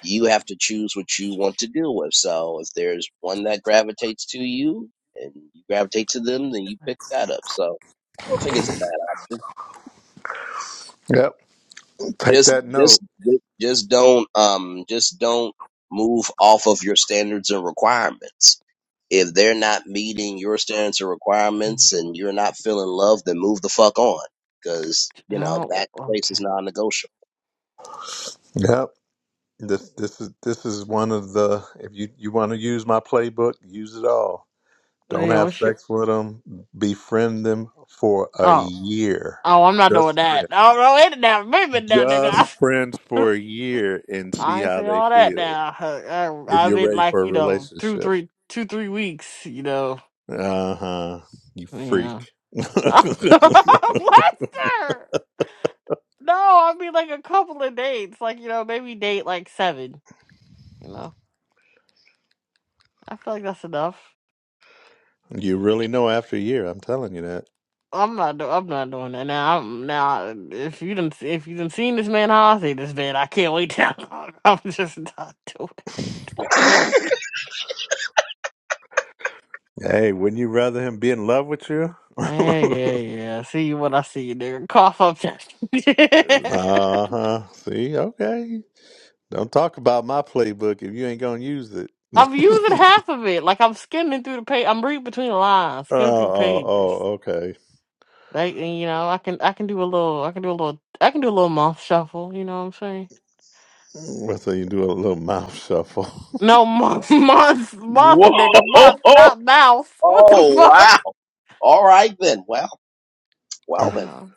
S1: you have to choose what you want to deal with. So if there's one that gravitates to you and you gravitate to them, then you pick that up. So I don't think it's a bad option.
S4: Yep. Take
S1: just
S4: that
S1: just
S4: note.
S1: just don't um just don't move off of your standards and requirements if they're not meeting your standards and
S5: Mm.
S1: requirements and you're not feeling love then move the fuck on because you know that
S5: oh
S1: place is
S5: okay
S1: non-negotiable
S4: Yep. This this is this is one of the if you you want to use my playbook, use it all.
S5: oh,
S4: Don't
S5: yeah
S4: have
S5: what's your
S4: sex with them. Befriend them for a
S5: oh
S4: year.
S5: oh I'm not doing
S4: Just
S5: that
S4: friends.
S5: oh no wait now moving now
S4: Just
S5: nigga
S4: friends for a year and see
S5: I ain't
S4: how
S5: say
S4: they
S5: all that
S4: feel.
S5: now I,
S4: If
S5: I I
S4: you're
S5: meant
S4: ready
S5: like
S4: for a
S5: you know two
S4: relationship.
S5: three two three weeks you know
S4: Uh huh. You
S5: you know.
S4: freak.
S5: Lester! No, I mean like a couple of dates, like you know, maybe date like seven. You know, I feel like that's enough.
S4: you really know after a year. I'm telling you that.
S5: I'm not. Do- I'm not doing that now. I'm now. If you didn't, if you didn't seen this man, how I see this man, I can't wait that long. I'm just not doing. It.
S4: Hey, wouldn't you rather him be in love with you? uh
S5: Yeah, yeah, yeah. See you when I see you, nigga. Cough up that.
S4: huh. See, okay. Don't talk about my playbook if you ain't gonna use it. oh,
S5: I'm using half of it. Like I'm skimming through the page. I'm reading between the lines, skimming through the
S4: oh, oh,
S5: pages.
S4: okay.
S5: Like you know, I can I can do a little I can do a little I can do a little month shuffle, you know what I'm saying?
S4: Well, So you do a little mouth shuffle.
S5: No month month month
S1: whoa
S5: nigga, month, not mouth. What the
S1: oh wow
S5: fuck?
S1: all right then well well
S5: You
S1: then
S5: know.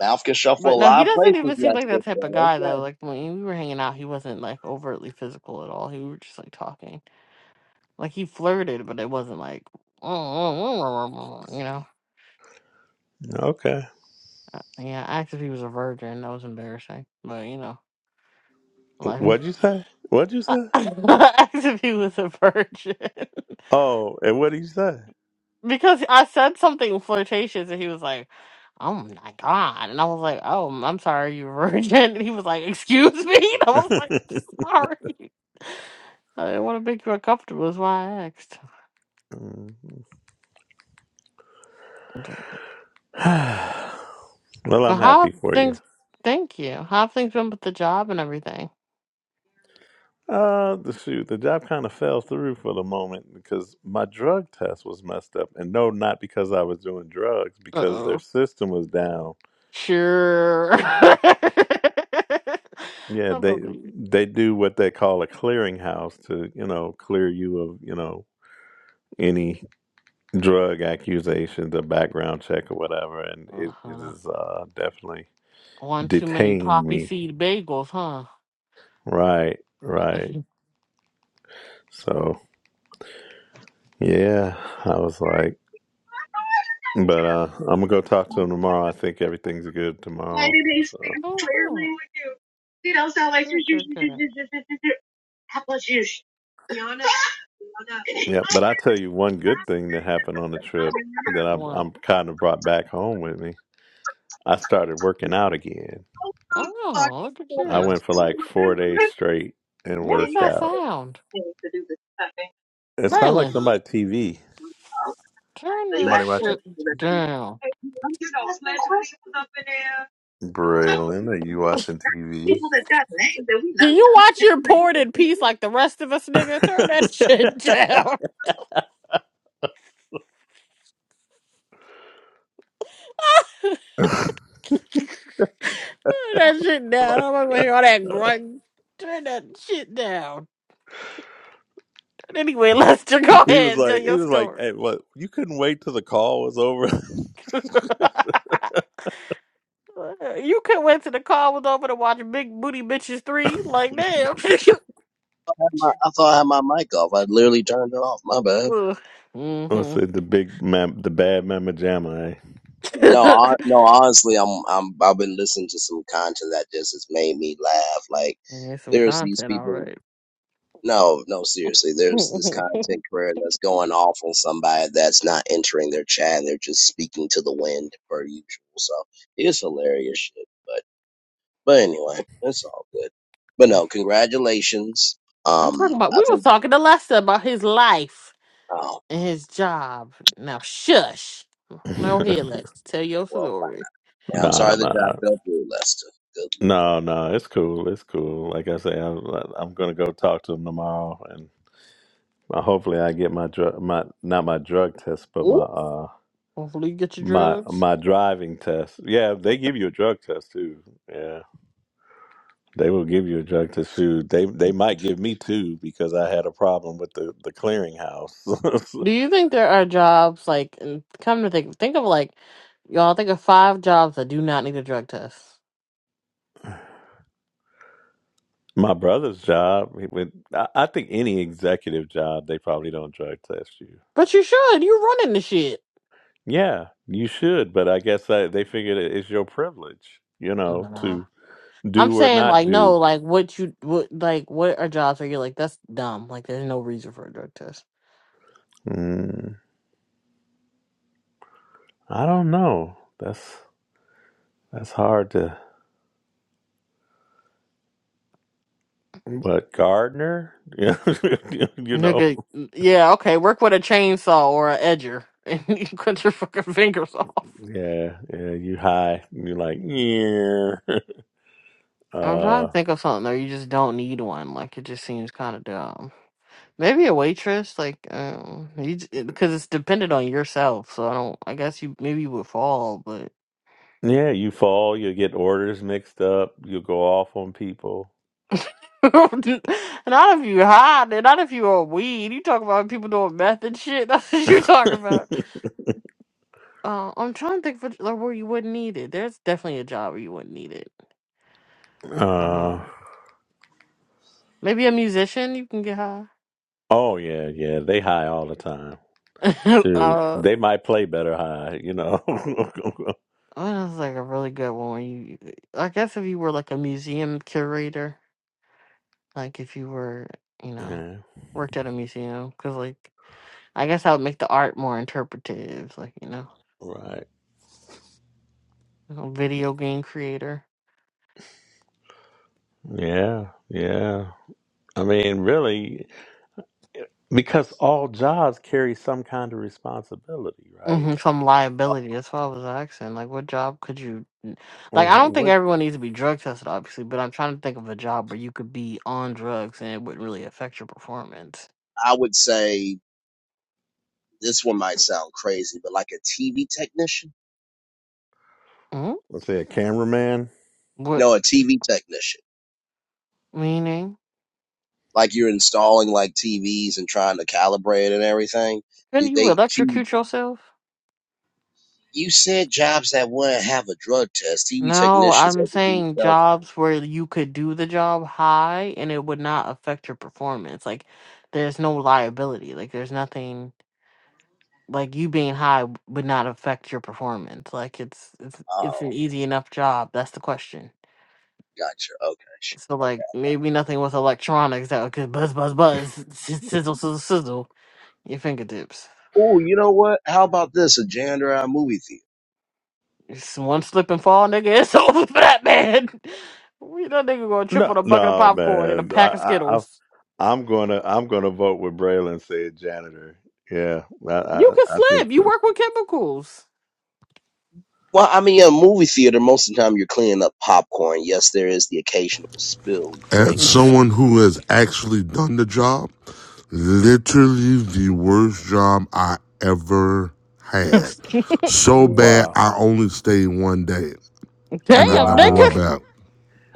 S1: mouth can shuffle
S5: But
S1: a
S5: no, he
S1: lot of
S5: doesn't
S1: places
S5: even seem like
S1: lester
S5: that type of
S1: so
S5: guy
S1: okay
S5: though. Like when we were hanging out, he wasn't like overtly physical at all. He we were just like talking. Like he flirted, but it wasn't like you know.
S4: okay.
S5: Yeah, I asked if he was a virgin. That was embarrassing. But you know, life.
S4: What'd you say? What'd you
S5: I
S4: say?
S5: asked if he was a virgin.
S4: Oh, and what did you say?
S5: because I said something flirtatious, and he was like, "Oh my god!" And I was like, "Oh, i I'm sorry, you're a virgin." And he was like, "Excuse me." And I was like, "Sorry, I didn't want to make you uncomfortable. Is why I asked."
S4: Mm.
S5: I was like,
S4: well,
S5: But
S4: I'm
S5: how
S4: happy
S5: have
S4: for you.
S5: things? Thank you. How have things been with the job and everything?
S4: Uh, the shoot, the job kind of fell through for the moment because my drug test was messed up, and no, not because I was doing drugs,
S5: Uh
S4: because their
S5: oh.
S4: system was down.
S5: Sure. I
S4: Yeah, they
S5: believe.
S4: they do what they call a clearinghouse to you know clear you of you know any drug accusations, a background check or whatever, and
S5: Uh
S4: it, it
S5: huh.
S4: is uh, definitely
S5: One too many
S4: detained
S5: poppy
S4: me.
S5: seed bagels, huh?
S4: Right, right. So yeah, I was like. But uh, I'm gonna go talk to him tomorrow. I think everything's good
S1: Why
S4: tomorrow.
S1: do they speak
S4: So
S5: oh,
S1: clearly
S5: good.
S1: with you? You don't sound like
S5: Good, good, good.
S1: How about you? Yana, Yana.
S4: yeah. But I tell you one good thing that happened on the trip
S1: I'm
S4: that I,
S5: One.
S4: I'm kind of brought back home with me. I started working out again.
S5: Oh,
S1: Fucking
S5: look at
S1: corner.
S4: I
S5: you.
S4: went for like four days straight and
S1: And
S5: What
S1: then
S5: is
S1: you
S4: worked
S1: had
S5: that
S4: out.
S1: to
S5: sound?
S1: continue to do this type thing.
S4: It sounds like
S5: Braylon,
S1: Mhm.
S4: somebody TV.
S1: Oh,
S5: turn
S1: So you actually
S5: that
S4: Somebody
S1: have
S4: watching.
S5: shit
S1: to let them know.
S5: down.
S1: Hey, You know, slash people up in there. uh,
S4: Braylon, are you watching TV?
S1: people that got names that we know.
S5: Do you watch your porn in peace like the rest of us, nigga? Turn that shit down. Turn that shit down. I'm not gonna hear all that grunt. Turn that shit down. Anyway, Lester, go
S4: he was
S5: ahead and tell
S4: like, he
S5: your
S4: was like,
S5: story.
S4: hey, what? You couldn't wait till the call was over.
S5: you could went to the car was over to watch Big Booty Bitches 3. Like, damn.
S1: I thought I had my mic off. I literally turned it off. My bad.
S4: I
S5: mm-hmm.
S4: said the big, mam- the bad mama jamma.
S1: No, hon- no. Honestly, I'm I'm I've been listening to some content that just has made me laugh. Like
S5: Here's some
S1: there's these
S5: content
S1: people.
S5: already.
S1: No, no, seriously. There's this
S5: I'm
S1: content creator that's going off on somebody that's not entering their chat. and They're just speaking to the wind per usual. So it's hilarious shit. But but anyway, it's all good. But no, congratulations. Um,
S5: talking about.
S1: I
S5: We were
S1: think.
S5: talking to Lester about his life
S1: Oh
S5: and his job. Now shush.
S4: Eh?
S5: Now here, Lex, tell your
S1: well,
S5: story.
S1: I'm
S4: Nah,
S1: sorry the
S4: nah,
S1: job fell through, Lester. Good.
S4: no, no. It's cool. It's cool. Like I say, I'm, I'm gonna go talk to him tomorrow, and uh, hopefully, I get my drug, my not my drug test, but my
S5: Ooh,
S4: uh
S5: hopefully you get your
S4: my
S5: drugs.
S4: my driving test. Yeah, they give you a drug test too. Yeah, they will give you a drug test too. They they might give me two because I had a problem with the the clearinghouse.
S5: Do you think there are jobs like? and Come to think, think of like y'all. Think of five jobs that do not need a drug test.
S4: my brother's job. he would I I think any executive job, they probably don't drug test you.
S5: But you should. You're running the shit.
S4: Yeah, you should, but I guess I, they figured it- it's your privilege, you know,
S5: Nah.
S4: to
S5: I'm
S4: do or
S5: saying
S4: not
S5: like
S4: do.
S5: no, like what you what like what are jobs where you're like that's dumb. Like there's no reason for a drug test.
S4: Mm, I don't know. That's that's hard to. But Gardner, yeah, you know,
S5: Nigga, yeah, okay, work with a chainsaw or an edger and you cut your fucking fingers off.
S4: yeah, yeah, you high, you're like, yeah,
S5: I'm trying to
S4: uh,
S5: think of something though. You just don't need one. Like it just seems kind of dumb. Maybe a waitress, like, um, you j- eh, because it's dependent on yourself. So I don't. I guess you maybe you would fall, but
S4: yeah, you fall, you get orders mixed up, you go off on people.
S5: not if you hide it. Not if you are weed. You talk about people doing meth and shit. That's what you're
S4: uh,
S5: talking about. Uh, I'm trying to think of a- like, where you wouldn't need it. There's definitely a job where you wouldn't need it. Uh, Maybe a musician, you can get high.
S4: oh yeah, yeah, they high all the time. Shoot,
S5: uh,
S4: they might play better high, you know.
S5: what is like a really good one? You, I guess if you were like a museum curator, like if you were, you know,
S4: Yeah,
S5: worked at a museum, because like I guess I would make the art more interpretive, like you know,
S4: right.
S5: a video game creator.
S4: Yeah, yeah. I mean, really, because all jobs carry some kind of responsibility, right?
S5: hmm some
S1: Lord.
S5: liability. That's what I was asking. Like, what job could you?
S4: Or
S5: Like, I
S4: ha-
S5: don't think
S4: What?
S5: everyone needs to be drug tested, obviously, but I'm trying to think of a job where you could be on drugs and it wouldn't really affect your performance.
S1: I would say this one might sound crazy, but like a TV technician.
S5: Mhm.
S4: Let's say a cameraman.
S5: What?
S1: No, a TV technician.
S5: Meaning?
S1: like you're installing like TVs and trying to calibrate it and everything.
S5: Can
S1: You,
S5: you
S1: they TV,
S5: electrocute yourself?
S1: you said jobs that wouldn't have a drug test. TV
S5: No,
S1: technicians
S5: I'm
S1: that could do
S5: saying
S1: self.
S5: jobs where you could do the job high and it would not affect your performance. Like, there's no liability. Like, there's nothing. Like you being high w- would not affect your performance. Like it's it's it's
S1: Oh,
S5: an easy enough job. That's the question.
S1: gotcha. Okay, sure.
S5: So
S1: Okay.
S5: like maybe nothing with electronics that could buzz buzz buzz s- sizzle sizzle sizzle your fingertips.
S1: Oh, you know what? How about this? A janitor at a movie theater.
S5: It's one slip and fall, nigga. It's over for that man. We that nigga gonna trip
S4: No,
S5: on a bucket of
S4: no,
S5: popcorn and a
S4: man. I,
S5: pack of
S4: I, I
S5: Skittles.
S4: I'm gonna, I'm gonna vote with Braylon. Say janitor. Yeah, I,
S5: You
S4: I,
S5: can
S4: I think
S5: slip. You
S4: so.
S5: work with chemicals.
S1: Well, I mean, a movie theater. Most of the time, you're cleaning up popcorn. Yes, there is the occasional spilled
S3: As
S1: drink.
S3: someone who has actually done the job, literally the worst job I ever
S5: Damn,
S3: had. So bad
S4: Wow,
S3: I only stayed one day and I never went
S5: nigga.
S4: wow.
S3: back.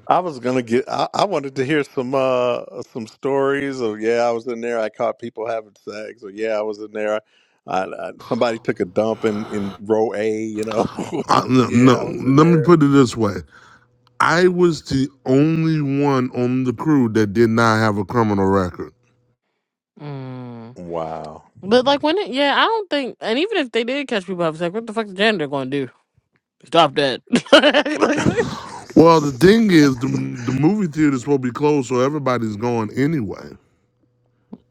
S4: I was gonna get. I, I wanted to hear some uh some stories of yeah, I was in there. I caught people having sex. Or yeah, I was in there. I, I, somebody took a dump in in row A. You know.
S3: I, no, no,
S4: yeah, I was in
S3: let me
S4: there.
S3: put it this way. I was the only one on the crew that did not have a criminal record.
S5: Mm.
S4: Wow.
S5: But like when it, yeah, I don't think, and even if they did catch people, I was like, what the fuck is janitor gonna do? Stop that.
S3: Well, the thing is, the, the movie theater is supposed to be closed, so everybody's going anyway.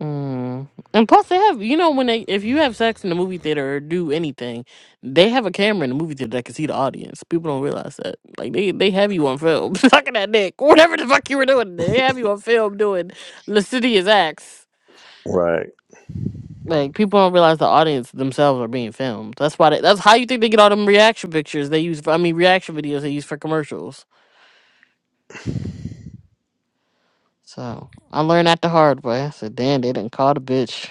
S5: Mm. And plus, they have you know when they if you have sex in the movie theater or do anything, they have a camera in the movie theater that can see the audience. People don't realize that. Like they they have you on film sucking that dick, whatever the fuck you were doing. They have you on film doing lascivious acts.
S4: Right.
S5: Like people don't realize the audience themselves are being filmed. That's why they, that's how you think they get all them reaction pictures they use. For, I mean reaction videos they use for commercials. So I learned that the hard way. I said, damn, they didn't call the bitch.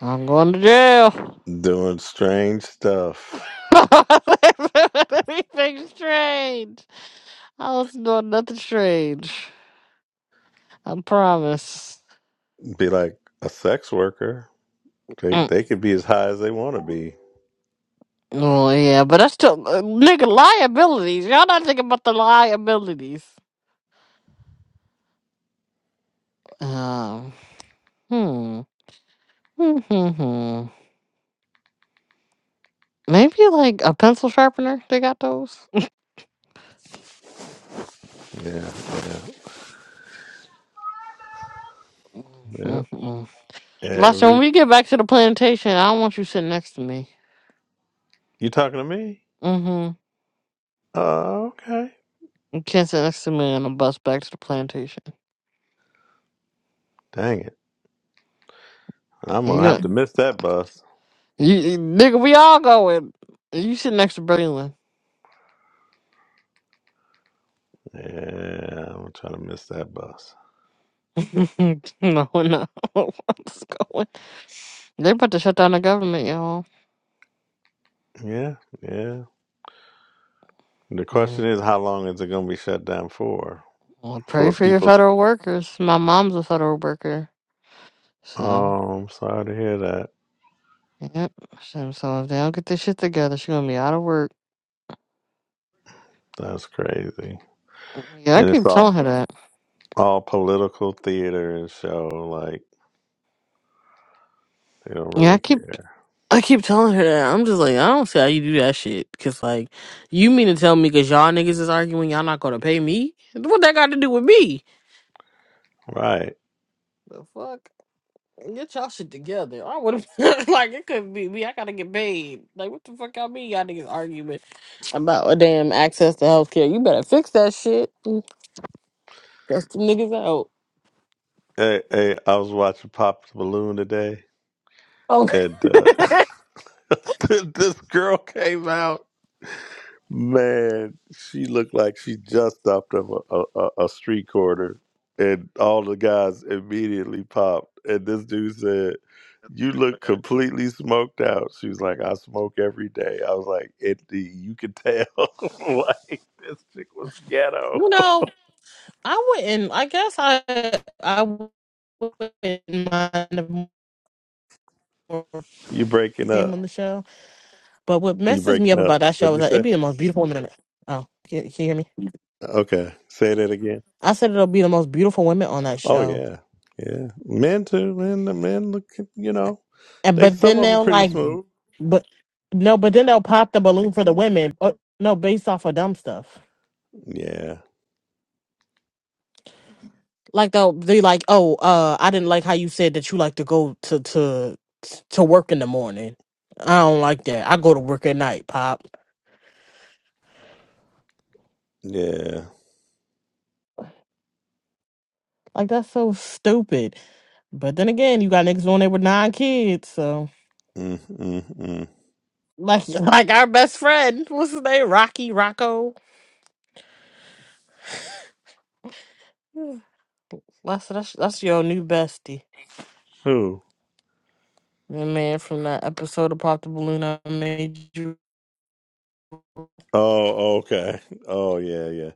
S5: I'm going to jail.
S4: Doing strange stuff.
S5: Anything strange. I wasn't doing nothing strange. I promise.
S4: Be like a sex worker. They
S5: Mm.
S4: they could be as high as they want to be.
S5: Well, yeah, but that's still uh, nigga liabilities. Y'all not thinking about the liabilities. Um, hmm, hmm, hmm, hmm. Maybe like a pencil sharpener. They got those.
S4: Yeah. Yep.
S5: Mm-mm-mm. when
S4: Every
S5: we get back to the plantation, I don't want you sitting next to me.
S4: you talking to me?
S5: Mm-hmm.
S4: Oh, okay.
S5: You can't sit next to me on a bus back to the plantation.
S4: Dang it. I'm
S5: You
S4: gonna have
S5: got
S4: to miss that bus.
S5: You, you- nigga, we all going. You sit next to Braylon.
S4: Yeah, I'm gonna try to miss that bus.
S5: no, no. What's going? They about to shut down the government, y'all.
S4: Yeah, yeah. The
S5: Mm.
S4: question is, how long is it gonna be shut down for?
S5: Well, pray
S4: For
S5: for your
S4: people's.
S5: federal workers. My mom's a federal worker, so
S4: Oh, I'm sorry to hear that.
S5: yep. So, so if they don't get this shit together, she's gonna be out of work.
S4: That's crazy.
S5: Yeah, I
S4: And it's
S5: keep
S4: all
S5: telling her that.
S4: all political theater and show. Like they don't
S5: Yeah, I
S4: really
S5: keep
S4: care,
S5: I keep telling her that. I'm just like, I don't see how you do that shit. Cause like, you mean to tell me, cause y'all niggas is arguing, y'all not gonna pay me? What that got to do with me?
S4: right?
S5: The fuck? Get y'all shit together. I would have like it couldn't be me. I gotta get paid. Like what the fuck I mean? Y'all niggas arguing about a damn access to healthcare. You better fix that shit. That's the niggas out.
S4: Hey, hey, I was watching Pop the Balloon today,
S5: Oh,
S4: and uh, this girl came out. Man, she looked like she just stopped up a, a, a a street corner, and all the guys immediately popped. And this dude said, "You look completely smoked out." She was like, "I smoke every day." I was like, "It, you could tell, like this chick was ghetto."
S5: you know I wouldn't. I guess I I wouldn't mind if more people
S4: You breaking
S5: came
S4: up?
S5: on the show. But what
S4: You
S5: messes me up
S4: breaking
S5: about
S4: up?
S5: that show
S4: What'd
S5: is
S4: you
S5: that it'd
S4: say?
S5: be the most beautiful women. On it. Oh, can, can you hear me?
S4: Okay, say that again.
S5: I said it'll be the most beautiful women on that
S4: Oh
S5: show
S4: yeah, yeah. Men too. Men, the men look. You know,
S5: And
S4: they
S5: but
S4: some
S5: then
S4: of them are
S5: they'll
S4: pretty
S5: like,
S4: smooth.
S5: but no, but then they'll pop the balloon for the women. Uh, no, based off of dumb stuff.
S4: Yeah,
S5: Like they'll they like, oh, uh, I didn't like how you said that you like to go to to to work in the morning. I don't like that. I go to work at night, pop.
S4: yeah.
S5: Like that's so stupid. But then again, you got niggas on there with nine kids, so
S4: Mm, mm, mm.
S5: like like our best friend, what's his name, Rocky Rocco. Yeah. That's that's that's your new bestie,
S4: Who?
S5: the man from that episode of Pop the Balloon I made you
S4: Oh, okay. Oh, yeah, yeah.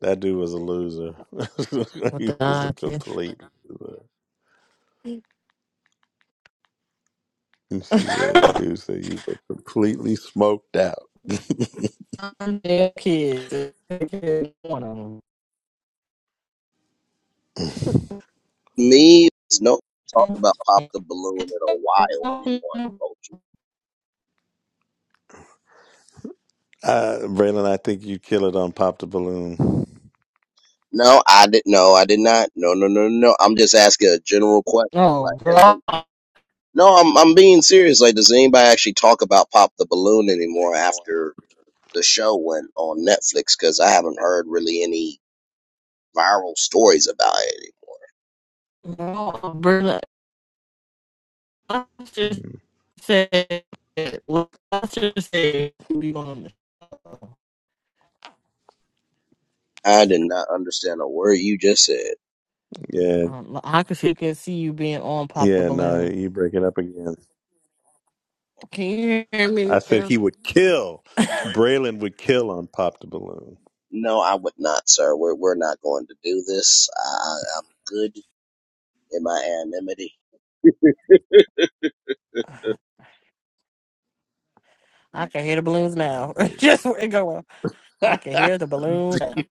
S4: That dude was a loser.
S5: Well,
S4: he was a
S5: God, can
S4: complete loser. She said, "Hey, dude said you were completely smoked out.
S5: their kids, their kids, one of
S1: Me, no talked
S5: them.
S1: about pop the balloon in a while anymore. in Culture.
S4: Uh, Braylon, I think you kill it on Pop the Balloon.
S1: No, I did. No, I did not. No, no, no, no. no. I'm just asking a general question.
S5: Oh,
S1: Like, has
S5: girl,
S1: any- no, I'm I'm being serious. Like, does anybody actually talk about Pop the Balloon anymore after the show went on Netflix? Because I haven't heard really any viral stories about it anymore.
S5: girl, Brenda, I just said, well, I just said, we gonna.
S1: I did not understand a word you just said.
S4: Yeah,
S5: Um, I can see, can see you being on pop the
S4: yeah, no,
S5: balloon.
S4: you break it up again.
S5: Can you hear
S4: I
S5: me
S4: said
S5: now?
S4: he would kill. Braylon would kill on Pop the Balloon.
S1: No, I would not, sir. We're we're not going to do this. I, I- I'm good in my anonymity.
S5: I can hear the balloons now.
S4: Braylon.
S5: just where it going. I can hear the balloons. now.
S4: You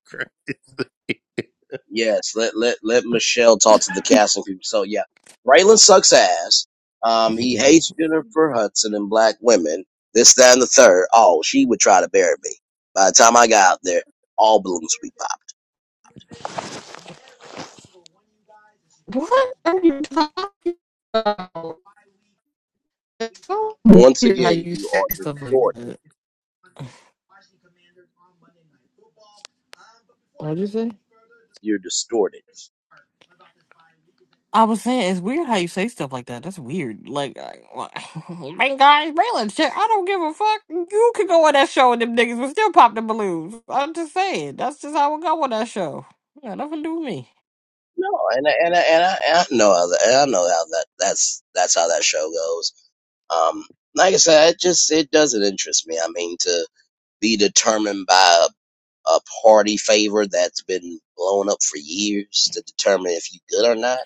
S1: Yes, let let let Michelle talk to the casting people. So yeah, Raylan sucks ass. Um, he
S4: crazy.
S1: hates Jennifer Hudson and black women. This, that, and the third. Oh, she would try to bury me. By the time I got out there, all balloons would be popped.
S5: What are you talking about? It's so
S1: Once
S5: weird how
S1: again,
S5: you
S1: you
S5: say
S1: are
S5: stuff like
S1: distorted.
S5: that. What'd you say?
S1: You're distorted.
S5: I was saying it's weird how you say stuff like that. That's weird. Like, I- like man, guys, Braylon, shit, I don't give a fuck. You could go on that show and them niggas would still pop the balloons. I'm just saying, that's just how it go on that show. Yeah, nothing to do with me.
S1: No, and I- and I- and I, and I know how that. and I know how that. That's that's how that show goes. Um, like I said, it just it doesn't interest me. I mean, to be determined by a party favor that's been blown up for years to determine if you good or not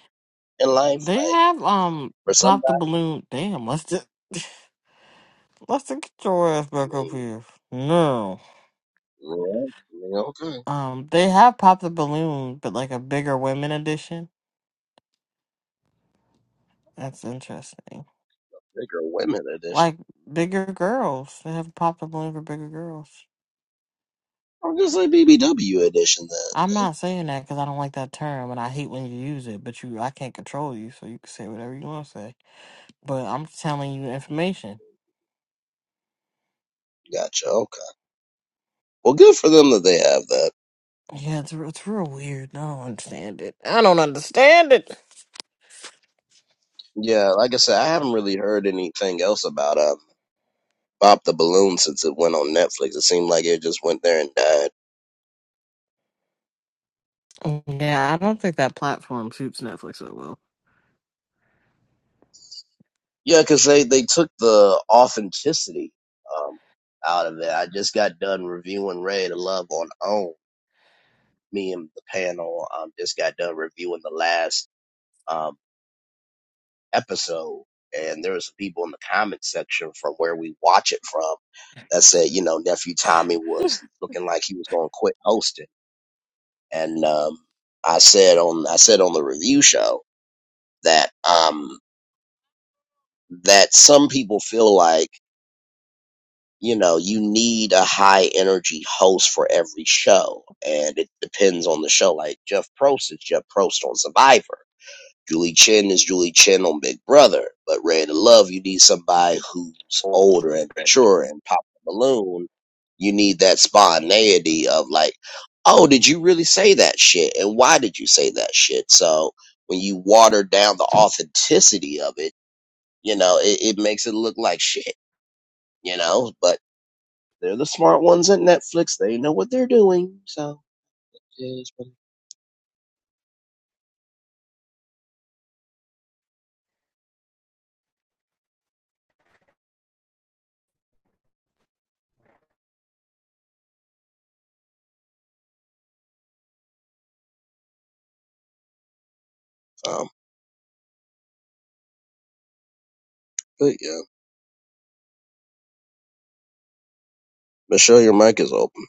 S1: in life.
S5: They
S1: Like
S5: have um
S1: for somebody,
S5: popped the balloon. Damn, must it? Lester, get your ass
S1: I
S5: back up
S1: mean,
S5: here. No.
S1: yeah, I mean, okay,
S5: Um, they have Pop the Balloon, but like a bigger women edition. That's interesting.
S1: bigger women edition.
S5: Like bigger girls. They have Pop the Balloon for bigger girls.
S1: I'm just like BBW edition then.
S5: I'm not saying that because I don't like that term and I hate when you use it, but you I can't control you, so you can say whatever you want to say. But I'm telling you information.
S1: Gotcha. Okay. Well, good for them that they have that.
S5: Yeah, it's, re- it's real weird. I don't understand it. I don't understand it.
S1: Yeah, like I said, I haven't really heard anything else about um pop the Balloon since it went on Netflix. It seemed like it just went there and died.
S5: Yeah, I don't think that platform suits Netflix so well.
S1: Yeah, because they, they took the authenticity um, out of it. I just got done reviewing Ray to Love on Own. Me and the panel um, just got done reviewing the last um, episode, and there were some people in the comment section from where we watch it from that said, you know, nephew Tommy was looking like he was going to quit hosting, and um, I said on I said on the review show that um, that some people feel like you know, you need a high energy host for every show. And it depends on the show. Like Jeff Prost is Jeff Prost on Survivor. Julie Chen is Julie Chen on Big Brother. But Ray to Love, you need somebody who's older and mature and pop the balloon. You need that spontaneity of like, oh, did you really say that shit? And why did you say that shit? So when you water down the authenticity of it, you know, it, it makes it look like shit, you know? But they're the smart ones at Netflix. They know what they're doing. So yeah, it's pretty- um, but yeah, Michelle, your mic is open.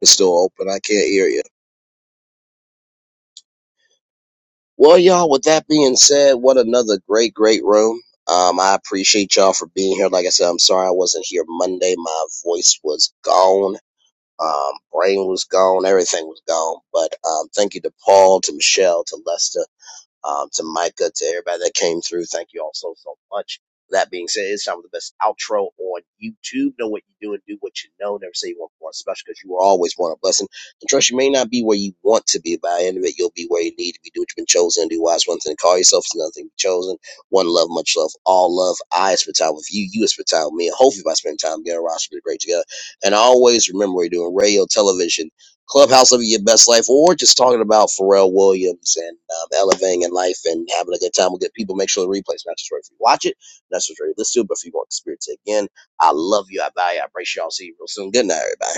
S1: It's still open. I can't hear you. Well, y'all. With that being said, what another great, great room. Um, I appreciate y'all for being here. Like I said, I'm sorry I wasn't here Monday. My voice was gone. Um, brain was gone. Everything was gone. But um, thank you to Paul, to Michelle, to Lester. um, to Micah, to everybody that came through. Thank you all so, so much. That being said, it's time for the best outro on YouTube. Know what you do and do what you know. Never say you want more special because you were always one a blessing. And trust you may not be where you want to be, by the end of it, you'll be where you need to be. Do what you've been chosen. Do wise one thing. Call yourself is another thing. to Be chosen. One love, much love, all love. I spend time with you. You spend time with me. And hopefully, by spending time together, we'll be great together. And always remember, we're doing radio, television, Clubhouse living your best life, or just talking about Pharrell Williams and um, elevating in life and having a good time with good people. Make sure the replay's not just right for you. to Watch it, not just right. Let's do it, but if you want to experience it again, I love you. I value. you, I appreciate you. I'll see you real soon. Good night, everybody.